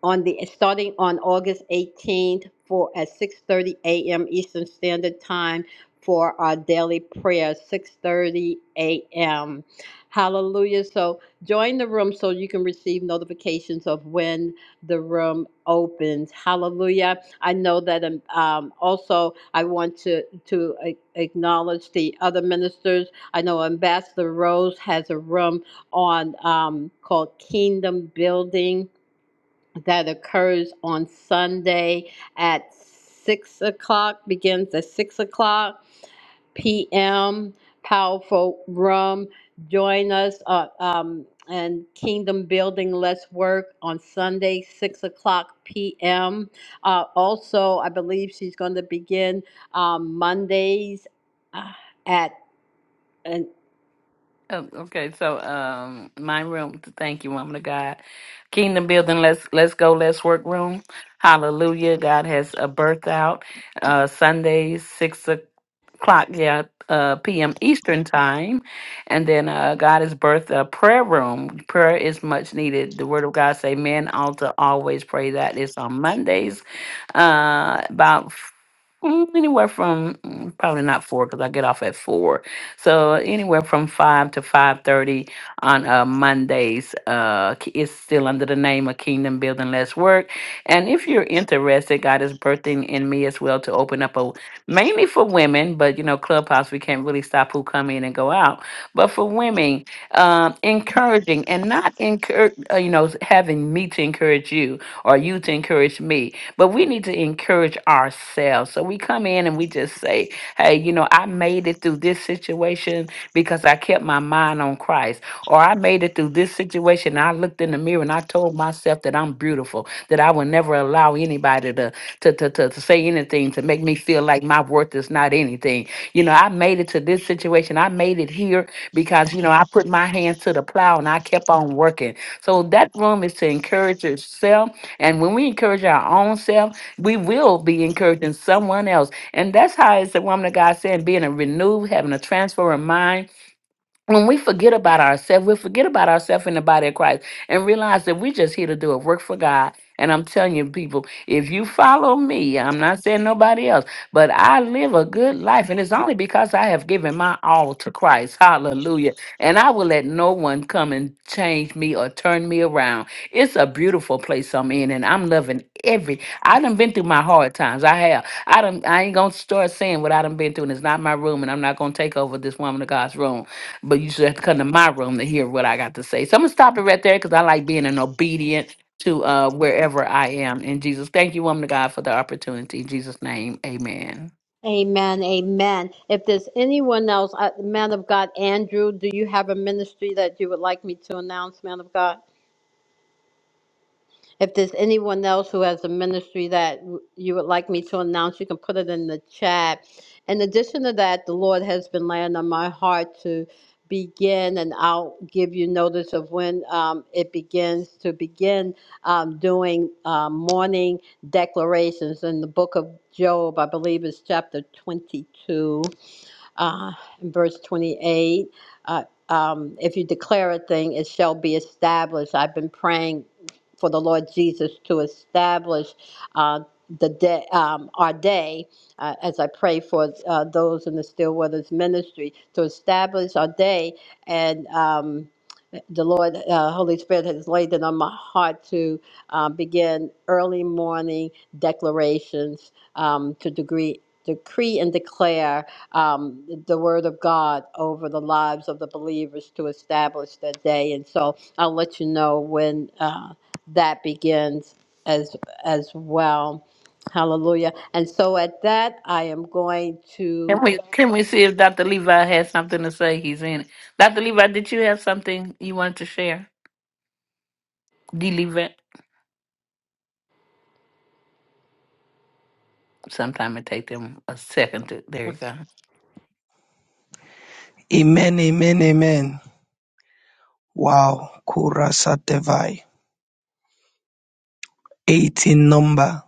on the, starting on August 18th for, at 6:30 a.m. Eastern Standard Time for our daily prayer, 6:30 a.m. Hallelujah. So join the room so you can receive notifications of when the room opens. Hallelujah. I know that, um, um, also, I want to, to a- acknowledge the other ministers. I know Ambassador Rose has a room on, um, called Kingdom Building that occurs on Sunday at 6 o'clock, begins at 6 o'clock p.m. Powerful Room. Join us uh, um, and Kingdom Building. Let's work on Sunday, six o'clock p.m. Uh, also, I believe she's going to begin um, Mondays uh, at. uh, Oh, okay, so um, my room. Thank you, woman of God. Kingdom building. Let's let's go. Let's work. Room. Hallelujah. God has a birth out. Uh, Sundays six o'clock. Yeah. Uh, p.m. Eastern time, and then uh, God has birthed a prayer room. Prayer is much needed. The Word of God say, "Men ought to always pray." That is on Mondays, uh, about mm, anywhere from mm, probably not four because I get off at four so anywhere from five to five thirty on uh, Mondays. Uh, k- it's still under the name of Kingdom Building Less Work. And if you're interested, God is birthing in me as well to open up a mainly for women, but you know, Clubhouse we can't really stop who come in and go out. But for women, um, encouraging and not encourage, uh, you know, having me to encourage you or you to encourage me, but we need to encourage ourselves. So we come in and we just say, Hey, you know, I made it through this situation because I kept my mind on Christ. Or I made it through this situation. I looked in the mirror and I told myself that I'm beautiful, that I will never allow anybody to, to, to, to, to say anything to make me feel like my worth is not anything. You know, I made it to this situation. I made it here because, you know, I put my hands to the plow and I kept on working. So that room is to encourage yourself. And when we encourage our own self, we will be encouraging someone else and that's how it's the woman of God saying being a renewed, having a transfer of mind when we forget about ourselves, we forget about ourselves in the body of Christ and realize that we're just here to do a work for God. And I'm telling you, people, if you follow me, I'm not saying nobody else, but I live a good life. And it's only because I have given my all to Christ. Hallelujah. And I will let no one come and change me or turn me around. It's a beautiful place I'm in, and I'm loving every. I done been through my hard times. I have. I done, I ain't going to start saying what I done been through, and it's not my room, and I'm not going to take over this woman of God's room but you should have to come to my room to hear what I got to say. So I'm gonna stop it right there because I like being an obedient to uh wherever I am in Jesus. Thank you, woman of God, for the opportunity. In Jesus' name, amen. Amen. Amen. If there's anyone else, uh, man of God, Andrew, do you have a ministry that you would like me to announce, man of God? If there's anyone else who has a ministry that w- you would like me to announce, you can put it in the chat. In addition to that, the Lord has been laying on my heart to begin, and I'll give you notice of when um, it begins to begin um, doing um, morning declarations in the book of Job, I believe it's chapter 22 uh, in verse 28. Uh, um, if you declare a thing, it shall be established. I've been praying for the Lord Jesus to establish uh, the day, um, our day, uh, as I pray for uh, those in the Stillwaters ministry, to establish our day. And um, the Lord, uh, Holy Spirit, has laid it on my heart to uh, begin early morning declarations um, to degree, decree and declare um, the word of God over the lives of the believers to establish that day. And so I'll let you know when uh, that begins as as well. Hallelujah. And so at that, I am going Can to. we can we see if Dr. Levi has something to say? He's in it. Dr. Levi, did you have something you wanted to share? D Levi. Sometime it take them a second to there you go. Amen, amen, amen. Wow, Kurasatevai, 8 in number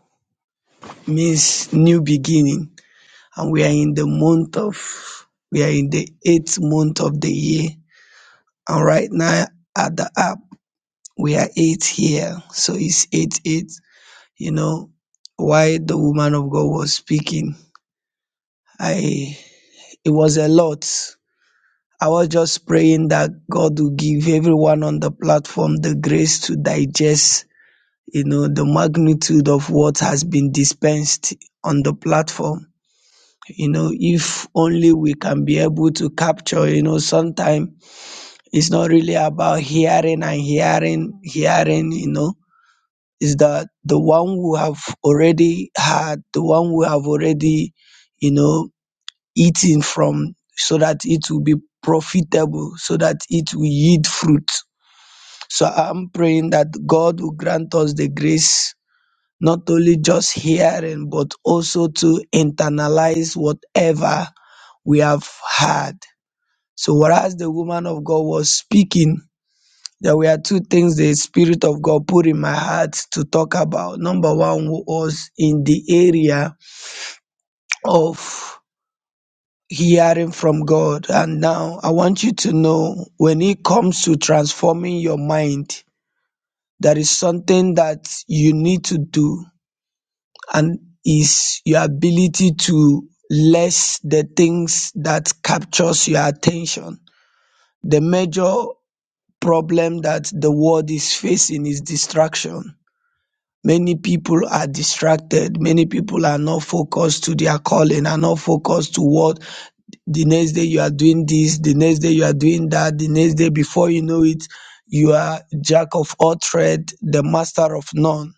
means new beginning. And we are in the month of, we are in the eighth month of the year. And right now at the app, we are eight here. So it's eight, eight. You know, why the woman of God was speaking, I, it was a lot. I was just praying that God will give everyone on the platform the grace to digest you know, the magnitude of what has been dispensed on the platform. You know, if only we can be able to capture, you know, sometimes it's not really about hearing and hearing, hearing, you know, is that the one who have already had, the one who have already, you know, eaten from so that it will be profitable, so that it will yield fruit. So I'm praying that God will grant us the grace not only just hearing, but also to internalize whatever we have heard. So, whereas the woman of God was speaking, there were two things the Spirit of God put in my heart to talk about. Number one was in the area of hearing from God. And now I want you to know when it comes to transforming your mind, there is something that you need to do and is your ability to list the things that captures your attention. The major problem that the world is facing is distraction. Many people are distracted. Many people are not focused to their calling, are not focused to what the next day you are doing this, the next day you are doing that, the next day before you know it, you are jack of all trade, the master of none.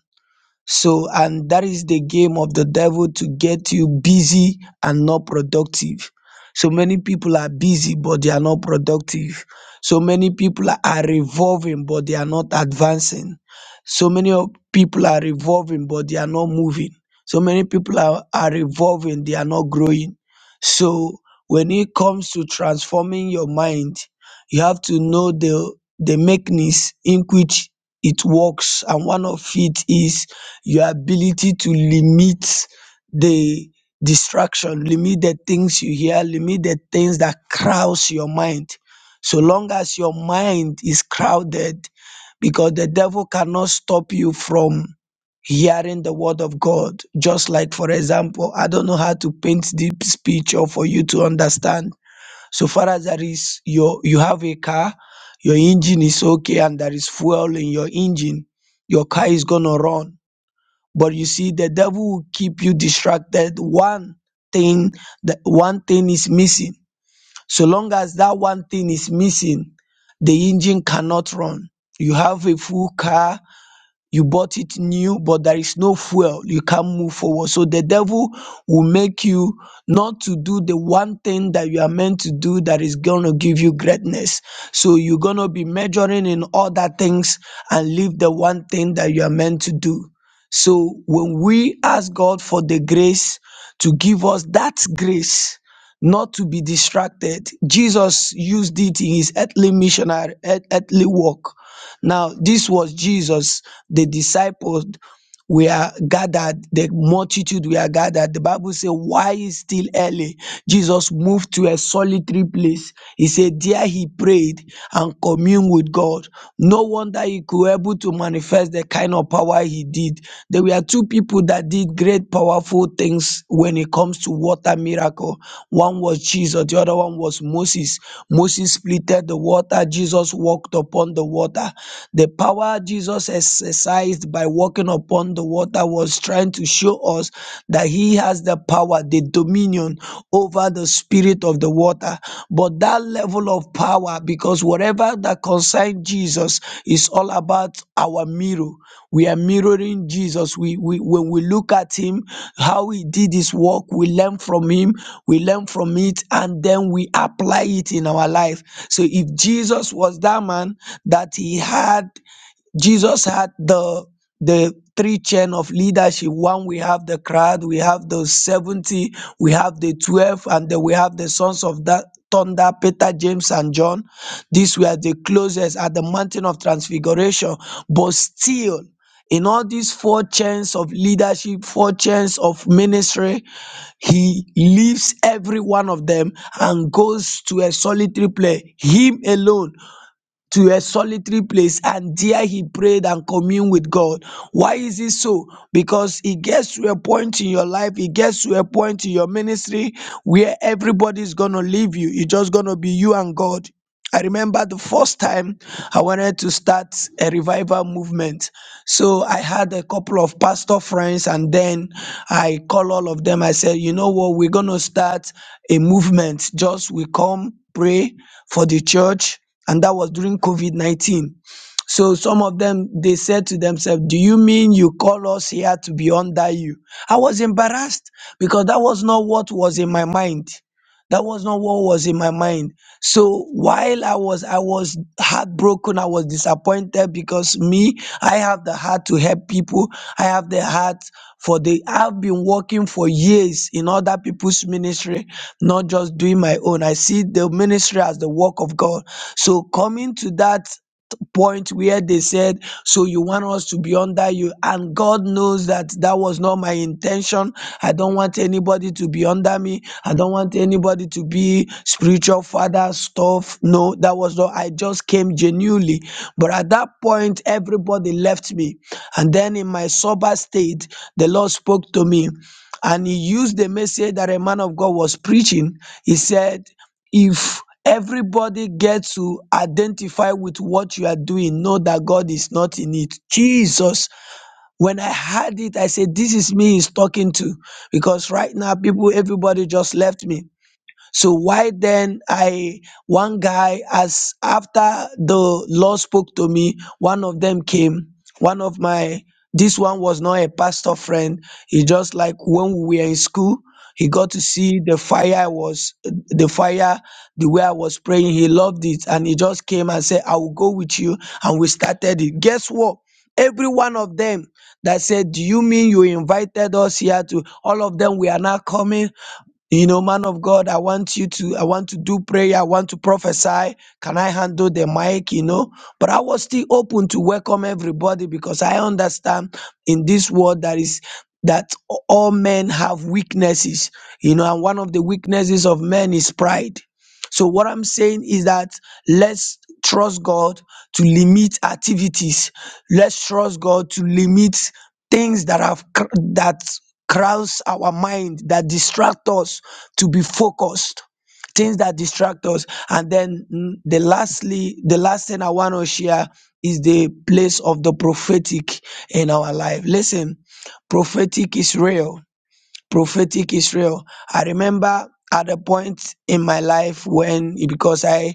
So, and that is the game of the devil to get you busy and not productive. So many people are busy, but they are not productive. So many people are revolving, but they are not advancing. So many of people are revolving, but they are not moving. So many people are, are revolving, they are not growing. So when it comes to transforming your mind, you have to know the the mechanism in which it works and one of it is your ability to limit the distraction, limit the things you hear, limit the things that crowds your mind. So long as your mind is crowded, because the devil cannot stop you from hearing the word of God. Just like, for example, I don't know how to paint this picture for you to understand. So far as there is your you have a car, your engine is okay, and there is fuel in your engine, your car is gonna run but you see, the devil will keep you distracted. One thing, that one thing is missing. So long as that one thing is missing, the engine cannot run. You have a full car, you bought it new but there is no fuel you can't move forward so the devil will make you not to do the one thing that you are meant to do that is going to give you greatness so you're going to be measuring in other things and leave the one thing that you are meant to do so when we ask god for the grace to give us that grace not to be distracted jesus used it in his earthly missionary earth- earthly work now, this was Jesus, the disciples we are gathered the multitude we are gathered the bible says, why is still early jesus moved to a solitary place he said there he prayed and communed with god no wonder he could able to manifest the kind of power he did there were two people that did great powerful things when it comes to water miracle one was jesus the other one was moses moses splitted the water jesus walked upon the water the power jesus exercised exercised by walking upon the water was trying to show us that he has the power, the dominion over the spirit of the water. But that level of power, because whatever that concerns Jesus is all about our mirror. We are mirroring Jesus. We, we when we look at him, how he did his work, we learn from him, we learn from it, and then we apply it in our life. So if Jesus was that man that he had Jesus had the the three chain of leadership. One, we have the crowd, we have the 70, we have the 12, and then we have the sons of that thunder, Peter, James, and John. These were the closest at the mountain of transfiguration. But still, in all these four chains of leadership, four chains of ministry, he leaves every one of them and goes to a solitary place, him alone to a solitary place and there he prayed and communed with God. Why is it so? Because it gets to a point in your life, it gets to a point in your ministry where everybody's gonna leave you. It's just gonna be you and God. I remember the first time I wanted to start a revival movement. So I had a couple of pastor friends, and then I call all of them. I said, you know what, we're gonna start a movement. Just we come pray for the church, and that was during COVID nineteen. So some of them they said to themselves, Do you mean you call us here to be under you? I was embarrassed because that was not what was in my mind. That was not what was in my mind so while i was i was heartbroken i was disappointed because me i have the heart to help people i have the heart for the i've been working for years in other people's ministry not just doing my own i see the ministry as the work of god so coming to that point where they said, So you want us to be under you. And God knows that that was not my intention. I don't want anybody to be under me. I don't want anybody to be spiritual father stuff. No, that was not. I just came genuinely. But at that point, everybody left me. And then in my sober state, the Lord spoke to me. And he used the message that a man of God was preaching. He said, if everybody gets to identify with what you are doing, know that God is not in it. Jesus, when I heard it, I said, This is me he's talking to. Because right now, people, everybody just left me. So why then I one guy as after the Lord spoke to me, one of them came, one of my this one was not a pastor friend. He just like when we were in school, he got to see the fire I was the fire, the way I was praying. He loved it and he just came and said, I will go with you. And we started it. Guess what? Every one of them that said, Do you mean you invited us here to all of them? We are not coming you know, man of God, I want you to, I want to do prayer. I want to prophesy. Can I handle the mic? You know, but I was still open to welcome everybody because I understand in this world that is that all men have weaknesses. You know, and one of the weaknesses of men is pride. So what I'm saying is that let's trust God to limit activities. Let's trust God to limit things that have cr- that crowds our mind that distract us to be focused things that distract us and then mm, the lastly the last thing i want to share is the place of the prophetic in our life listen prophetic is real prophetic Israel. I remember at a point in my life when because I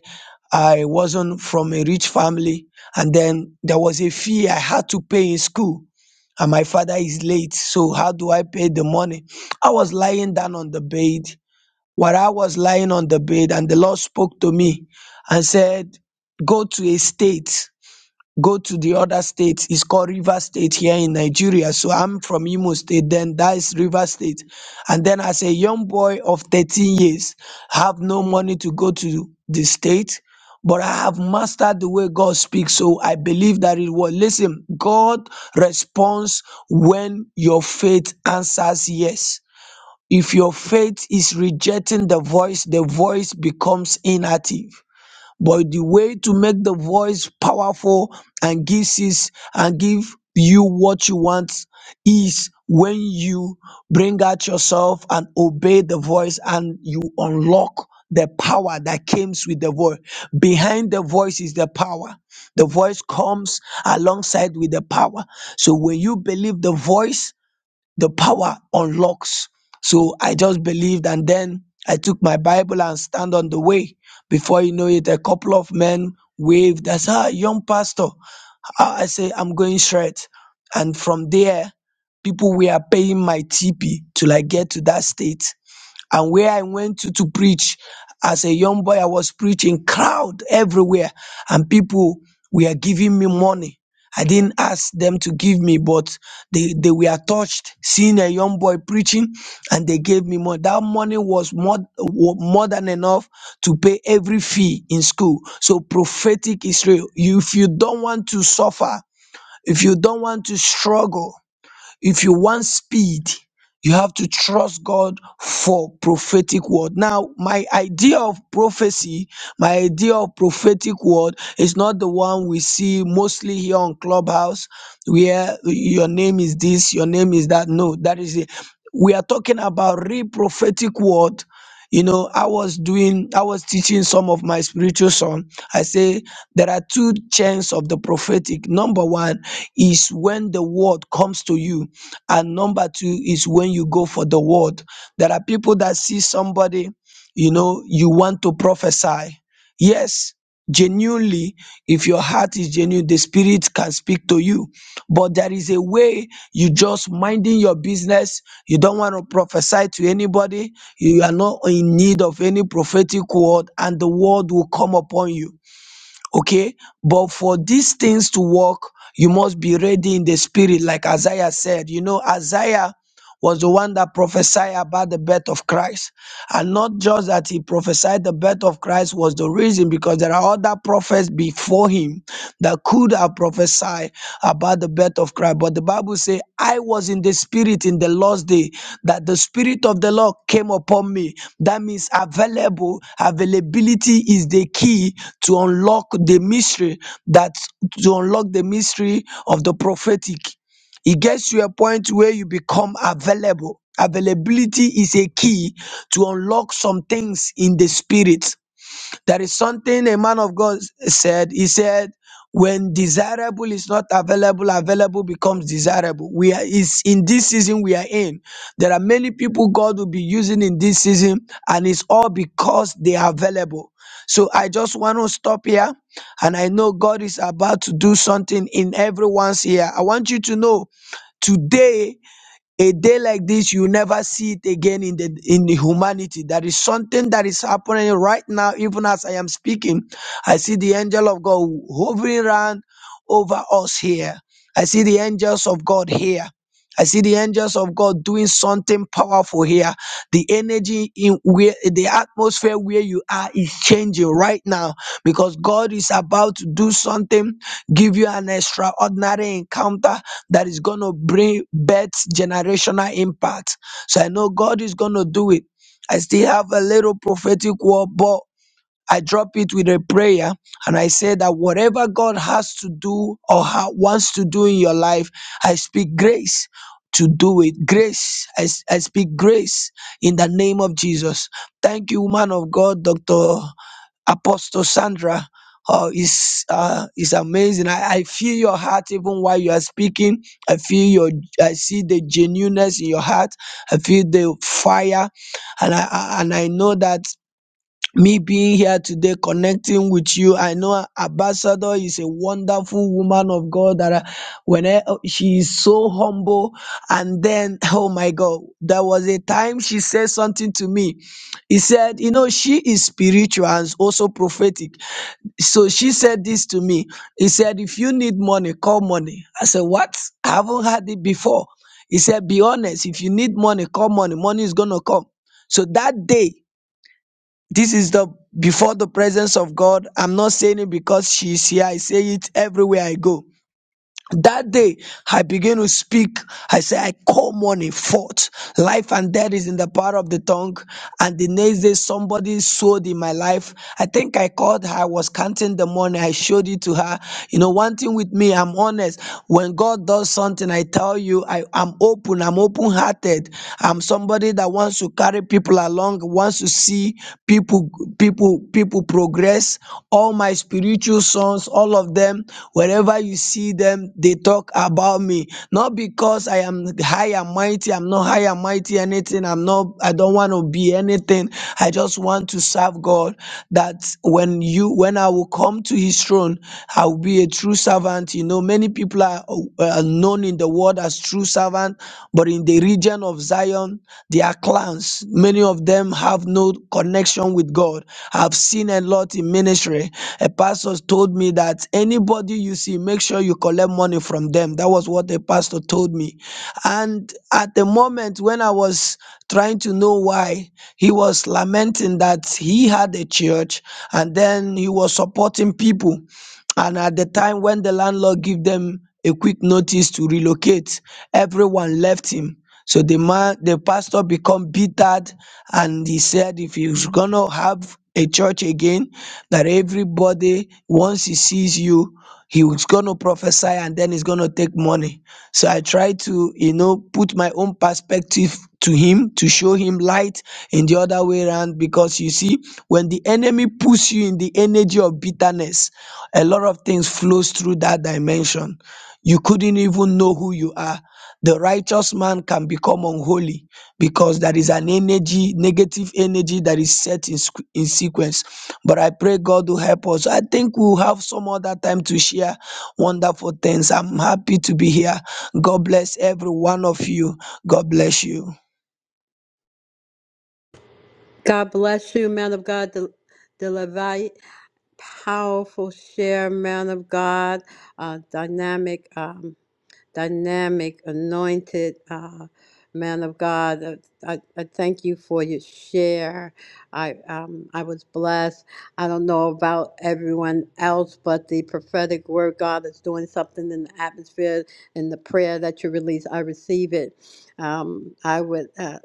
I wasn't from a rich family and then there was a fee I had to pay in school and my father is late so how do I pay the money? I was lying down on the bed while I was lying on the bed and the Lord spoke to me and said go to a state go to the other state it's called river state here in nigeria so i'm from imo state then that is river state and then as a young boy of 13 years I have no money to go to the state but i have mastered the way god speaks so i believe that it was listen god responds when your faith answers yes if your faith is rejecting the voice the voice becomes inactive but the way to make the voice powerful and gives is and give you what you want is when you bring out yourself and obey the voice and you unlock the power that comes with the voice behind the voice is the power the voice comes alongside with the power so when you believe the voice the power unlocks. So I just believed and then I took my Bible and stand on the way. Before you know it, a couple of men waved. I said, ah, young pastor. Ah, I say, I'm going straight. And from there, people were paying my TP till I get to that state and where I went to to preach as a young boy, I was preaching crowd everywhere, and people were giving me money. I didn't ask them to give me, but they, they were touched seeing a young boy preaching and they gave me money. That money was more, wa- more than enough to pay every fee in school. So prophetic Israel, you, if you don't want to suffer, if you don't want to struggle, if you want speed you have to trust god for prophetic word now my idea of prophecy my idea of prophetic word is not the one we see mostly here on clubhouse where your name is this your name is that no that is it we are talking about real prophetic word you know i was doing i was teaching some of my spiritual son i say there are two chains of the prophetic number one is when the word comes to you and number two is when you go for the word there are people that see somebody you know you want to prophesy yes genuinely if your heart is genuine the spirit can speak to you but there is a way you just minding your business you don't want to prophesy to anybody you are not in need of any prophetic word and the word will come upon you okay but for these things to work you must be ready in the spirit like isaiah said you know isaiah was the one that prophesied about the birth of Christ. And not just that he prophesied the birth of Christ was the reason, because there are other prophets before him that could have prophesied about the birth of Christ. But the Bible says, I was in the spirit in the last day that the spirit of the Lord came upon me. That means available, availability is the key to unlock the mystery that to unlock the mystery of the prophetic. It gets to a point where you become available. Availability is a key to unlock some things in the spirit. There is something a man of God said. He said, when desirable is not available, available becomes desirable. We are is in this season we are in. There are many people God will be using in this season, and it's all because they are available. So I just want to stop here, and I know God is about to do something in everyone's here. I want you to know today a day like this you never see it again in the in the humanity there is something that is happening right now even as i am speaking i see the angel of god hovering around over us here i see the angels of god here I see the angels of God doing something powerful here. The energy in where the atmosphere where you are is changing right now because God is about to do something, give you an extraordinary encounter that is going to bring birth generational impact. So I know God is going to do it. I still have a little prophetic word, but I drop it with a prayer and I say that whatever God has to do or ha- wants to do in your life, I speak grace to do it. Grace. I, s- I speak grace in the name of Jesus. Thank you, woman of God, Dr. Apostle Sandra. Oh, it's uh, it's amazing. I, I feel your heart even while you are speaking. I feel your, I see the genuineness in your heart. I feel the fire, and I I- and I know that me being here today connecting with you. I know Ambassador is a wonderful woman of God that I- when I- oh, she is so humble and then oh my God, there was a time she said something to me. He said, you know, she is spiritual and also prophetic. So she said this to me. He said, if you need money, call money. I said, what? I haven't had it before. He said, be honest. If you need money, call money. Money is going to come. So that day this is the before the presence of God. I'm not saying it because she's here. I say it everywhere I go. That day, I began to speak. I said, I call money forth. Life and death is in the power of the tongue. And the next day, somebody sowed in my life. I think I called her. I was counting the money. I showed it to her. You know, one thing with me, I'm honest. When God does something, I tell you, I, I'm open. I'm open hearted. I'm somebody that wants to carry people along, wants to see people, people people people progress all my spiritual sons all of them wherever you see them they talk about me not because i am high and mighty i'm not high and mighty anything i'm not i don't want to be anything i just want to serve god that when you when i will come to his throne i will be a true servant you know many people are, uh, are known in the world as true servant but in the region of Zion, their clans, many of them have no connection with God. I've seen a lot in ministry. A pastor told me that anybody you see, make sure you collect money from them. That was what the pastor told me. And at the moment when I was trying to know why, he was lamenting that he had a church and then he was supporting people and at the time when the landlord give them a quick notice to relocate everyone left him so the man the pastor become bittered and he said if he's gonna have a church again that everybody once he sees you he was going to prophesy and then he's going to take money. So I try to, you know, put my own perspective to him to show him light in the other way around because you see, when the enemy puts you in the energy of bitterness, a lot of things flows through that dimension. You couldn't even know who you are. The righteous man can become unholy because there is an energy, negative energy that is set in, squ- in sequence. But I pray God will help us. I think we'll have some other time to share wonderful things. I'm happy to be here. God bless every one of you. God bless you. God bless you, man of God. The, the Levite, powerful share, man of God, uh, dynamic. Um, dynamic, anointed uh, man of God. Uh, I, I thank you for your share. I um, I was blessed. I don't know about everyone else, but the prophetic word God is doing something in the atmosphere and the prayer that you release. I receive it. Um, I would uh,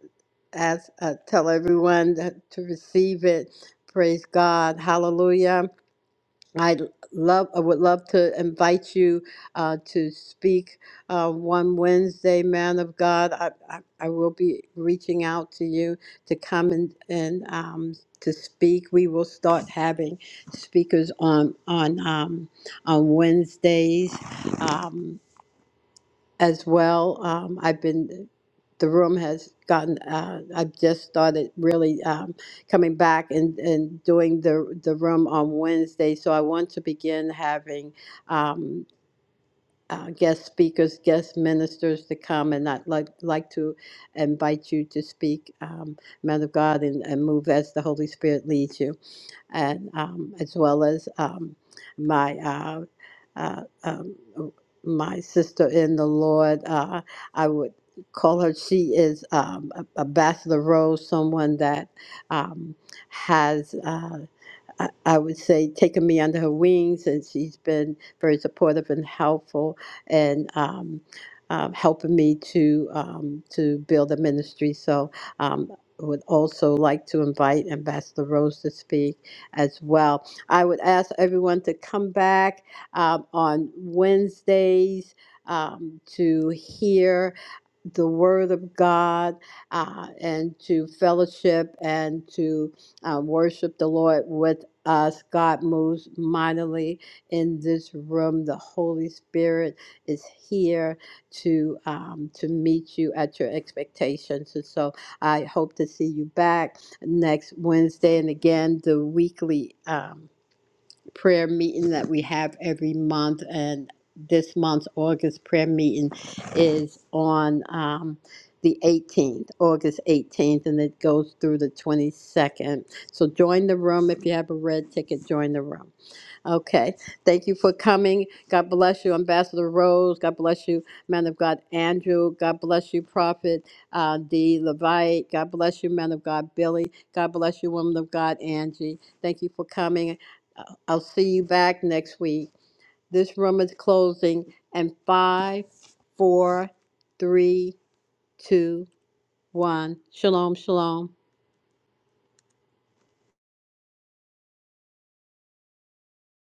ask uh, tell everyone that, to receive it. Praise God. Hallelujah. I love I would love to invite you uh, to speak uh, one Wednesday, man of God. I, I, I will be reaching out to you to come and, and um, to speak. We will start having speakers on on um, on Wednesdays. Um, as well. Um, I've been, the room has gotten, uh, I've just started really um, coming back and, and doing the, the room on Wednesday. So I want to begin having um, uh, guest speakers, guest ministers to come, and I'd like, like to invite you to speak, um, man of God, and, and move as the Holy Spirit leads you and um, as well as um, my uh, uh, um, my sister in the Lord. Uh, I would call her. She is um, a, a Bachelor Rose, someone that um, has. uh, I I would say, taken me under her wings, and she's been very supportive and helpful, and um, um, helping me to um, to build a ministry. So. Um, I would also like to invite Ambassador Rose to speak as well. I would ask everyone to come back um, on Wednesdays um, to hear the Word of God uh, and to fellowship and to uh, worship the Lord with us. God moves mightily in this room. The Holy Spirit is here to um, to meet you at your expectations. And so I hope to see you back next Wednesday and again the weekly. Um, prayer meeting that we have every month, and this month's August prayer meeting is on um, the 18th, August 18th, and it goes through the 22nd. So join the room if you have a red ticket. Join the room. Okay. Thank you for coming. God bless you, Ambassador Rose. God bless you, man of God Andrew. God bless you, Prophet uh, D. Levite. God bless you, man of God Billy. God bless you, woman of God Angie. Thank you for coming. Uh, I'll see you back next week. This room is closing in five, four, three, two, one. Shalom, shalom.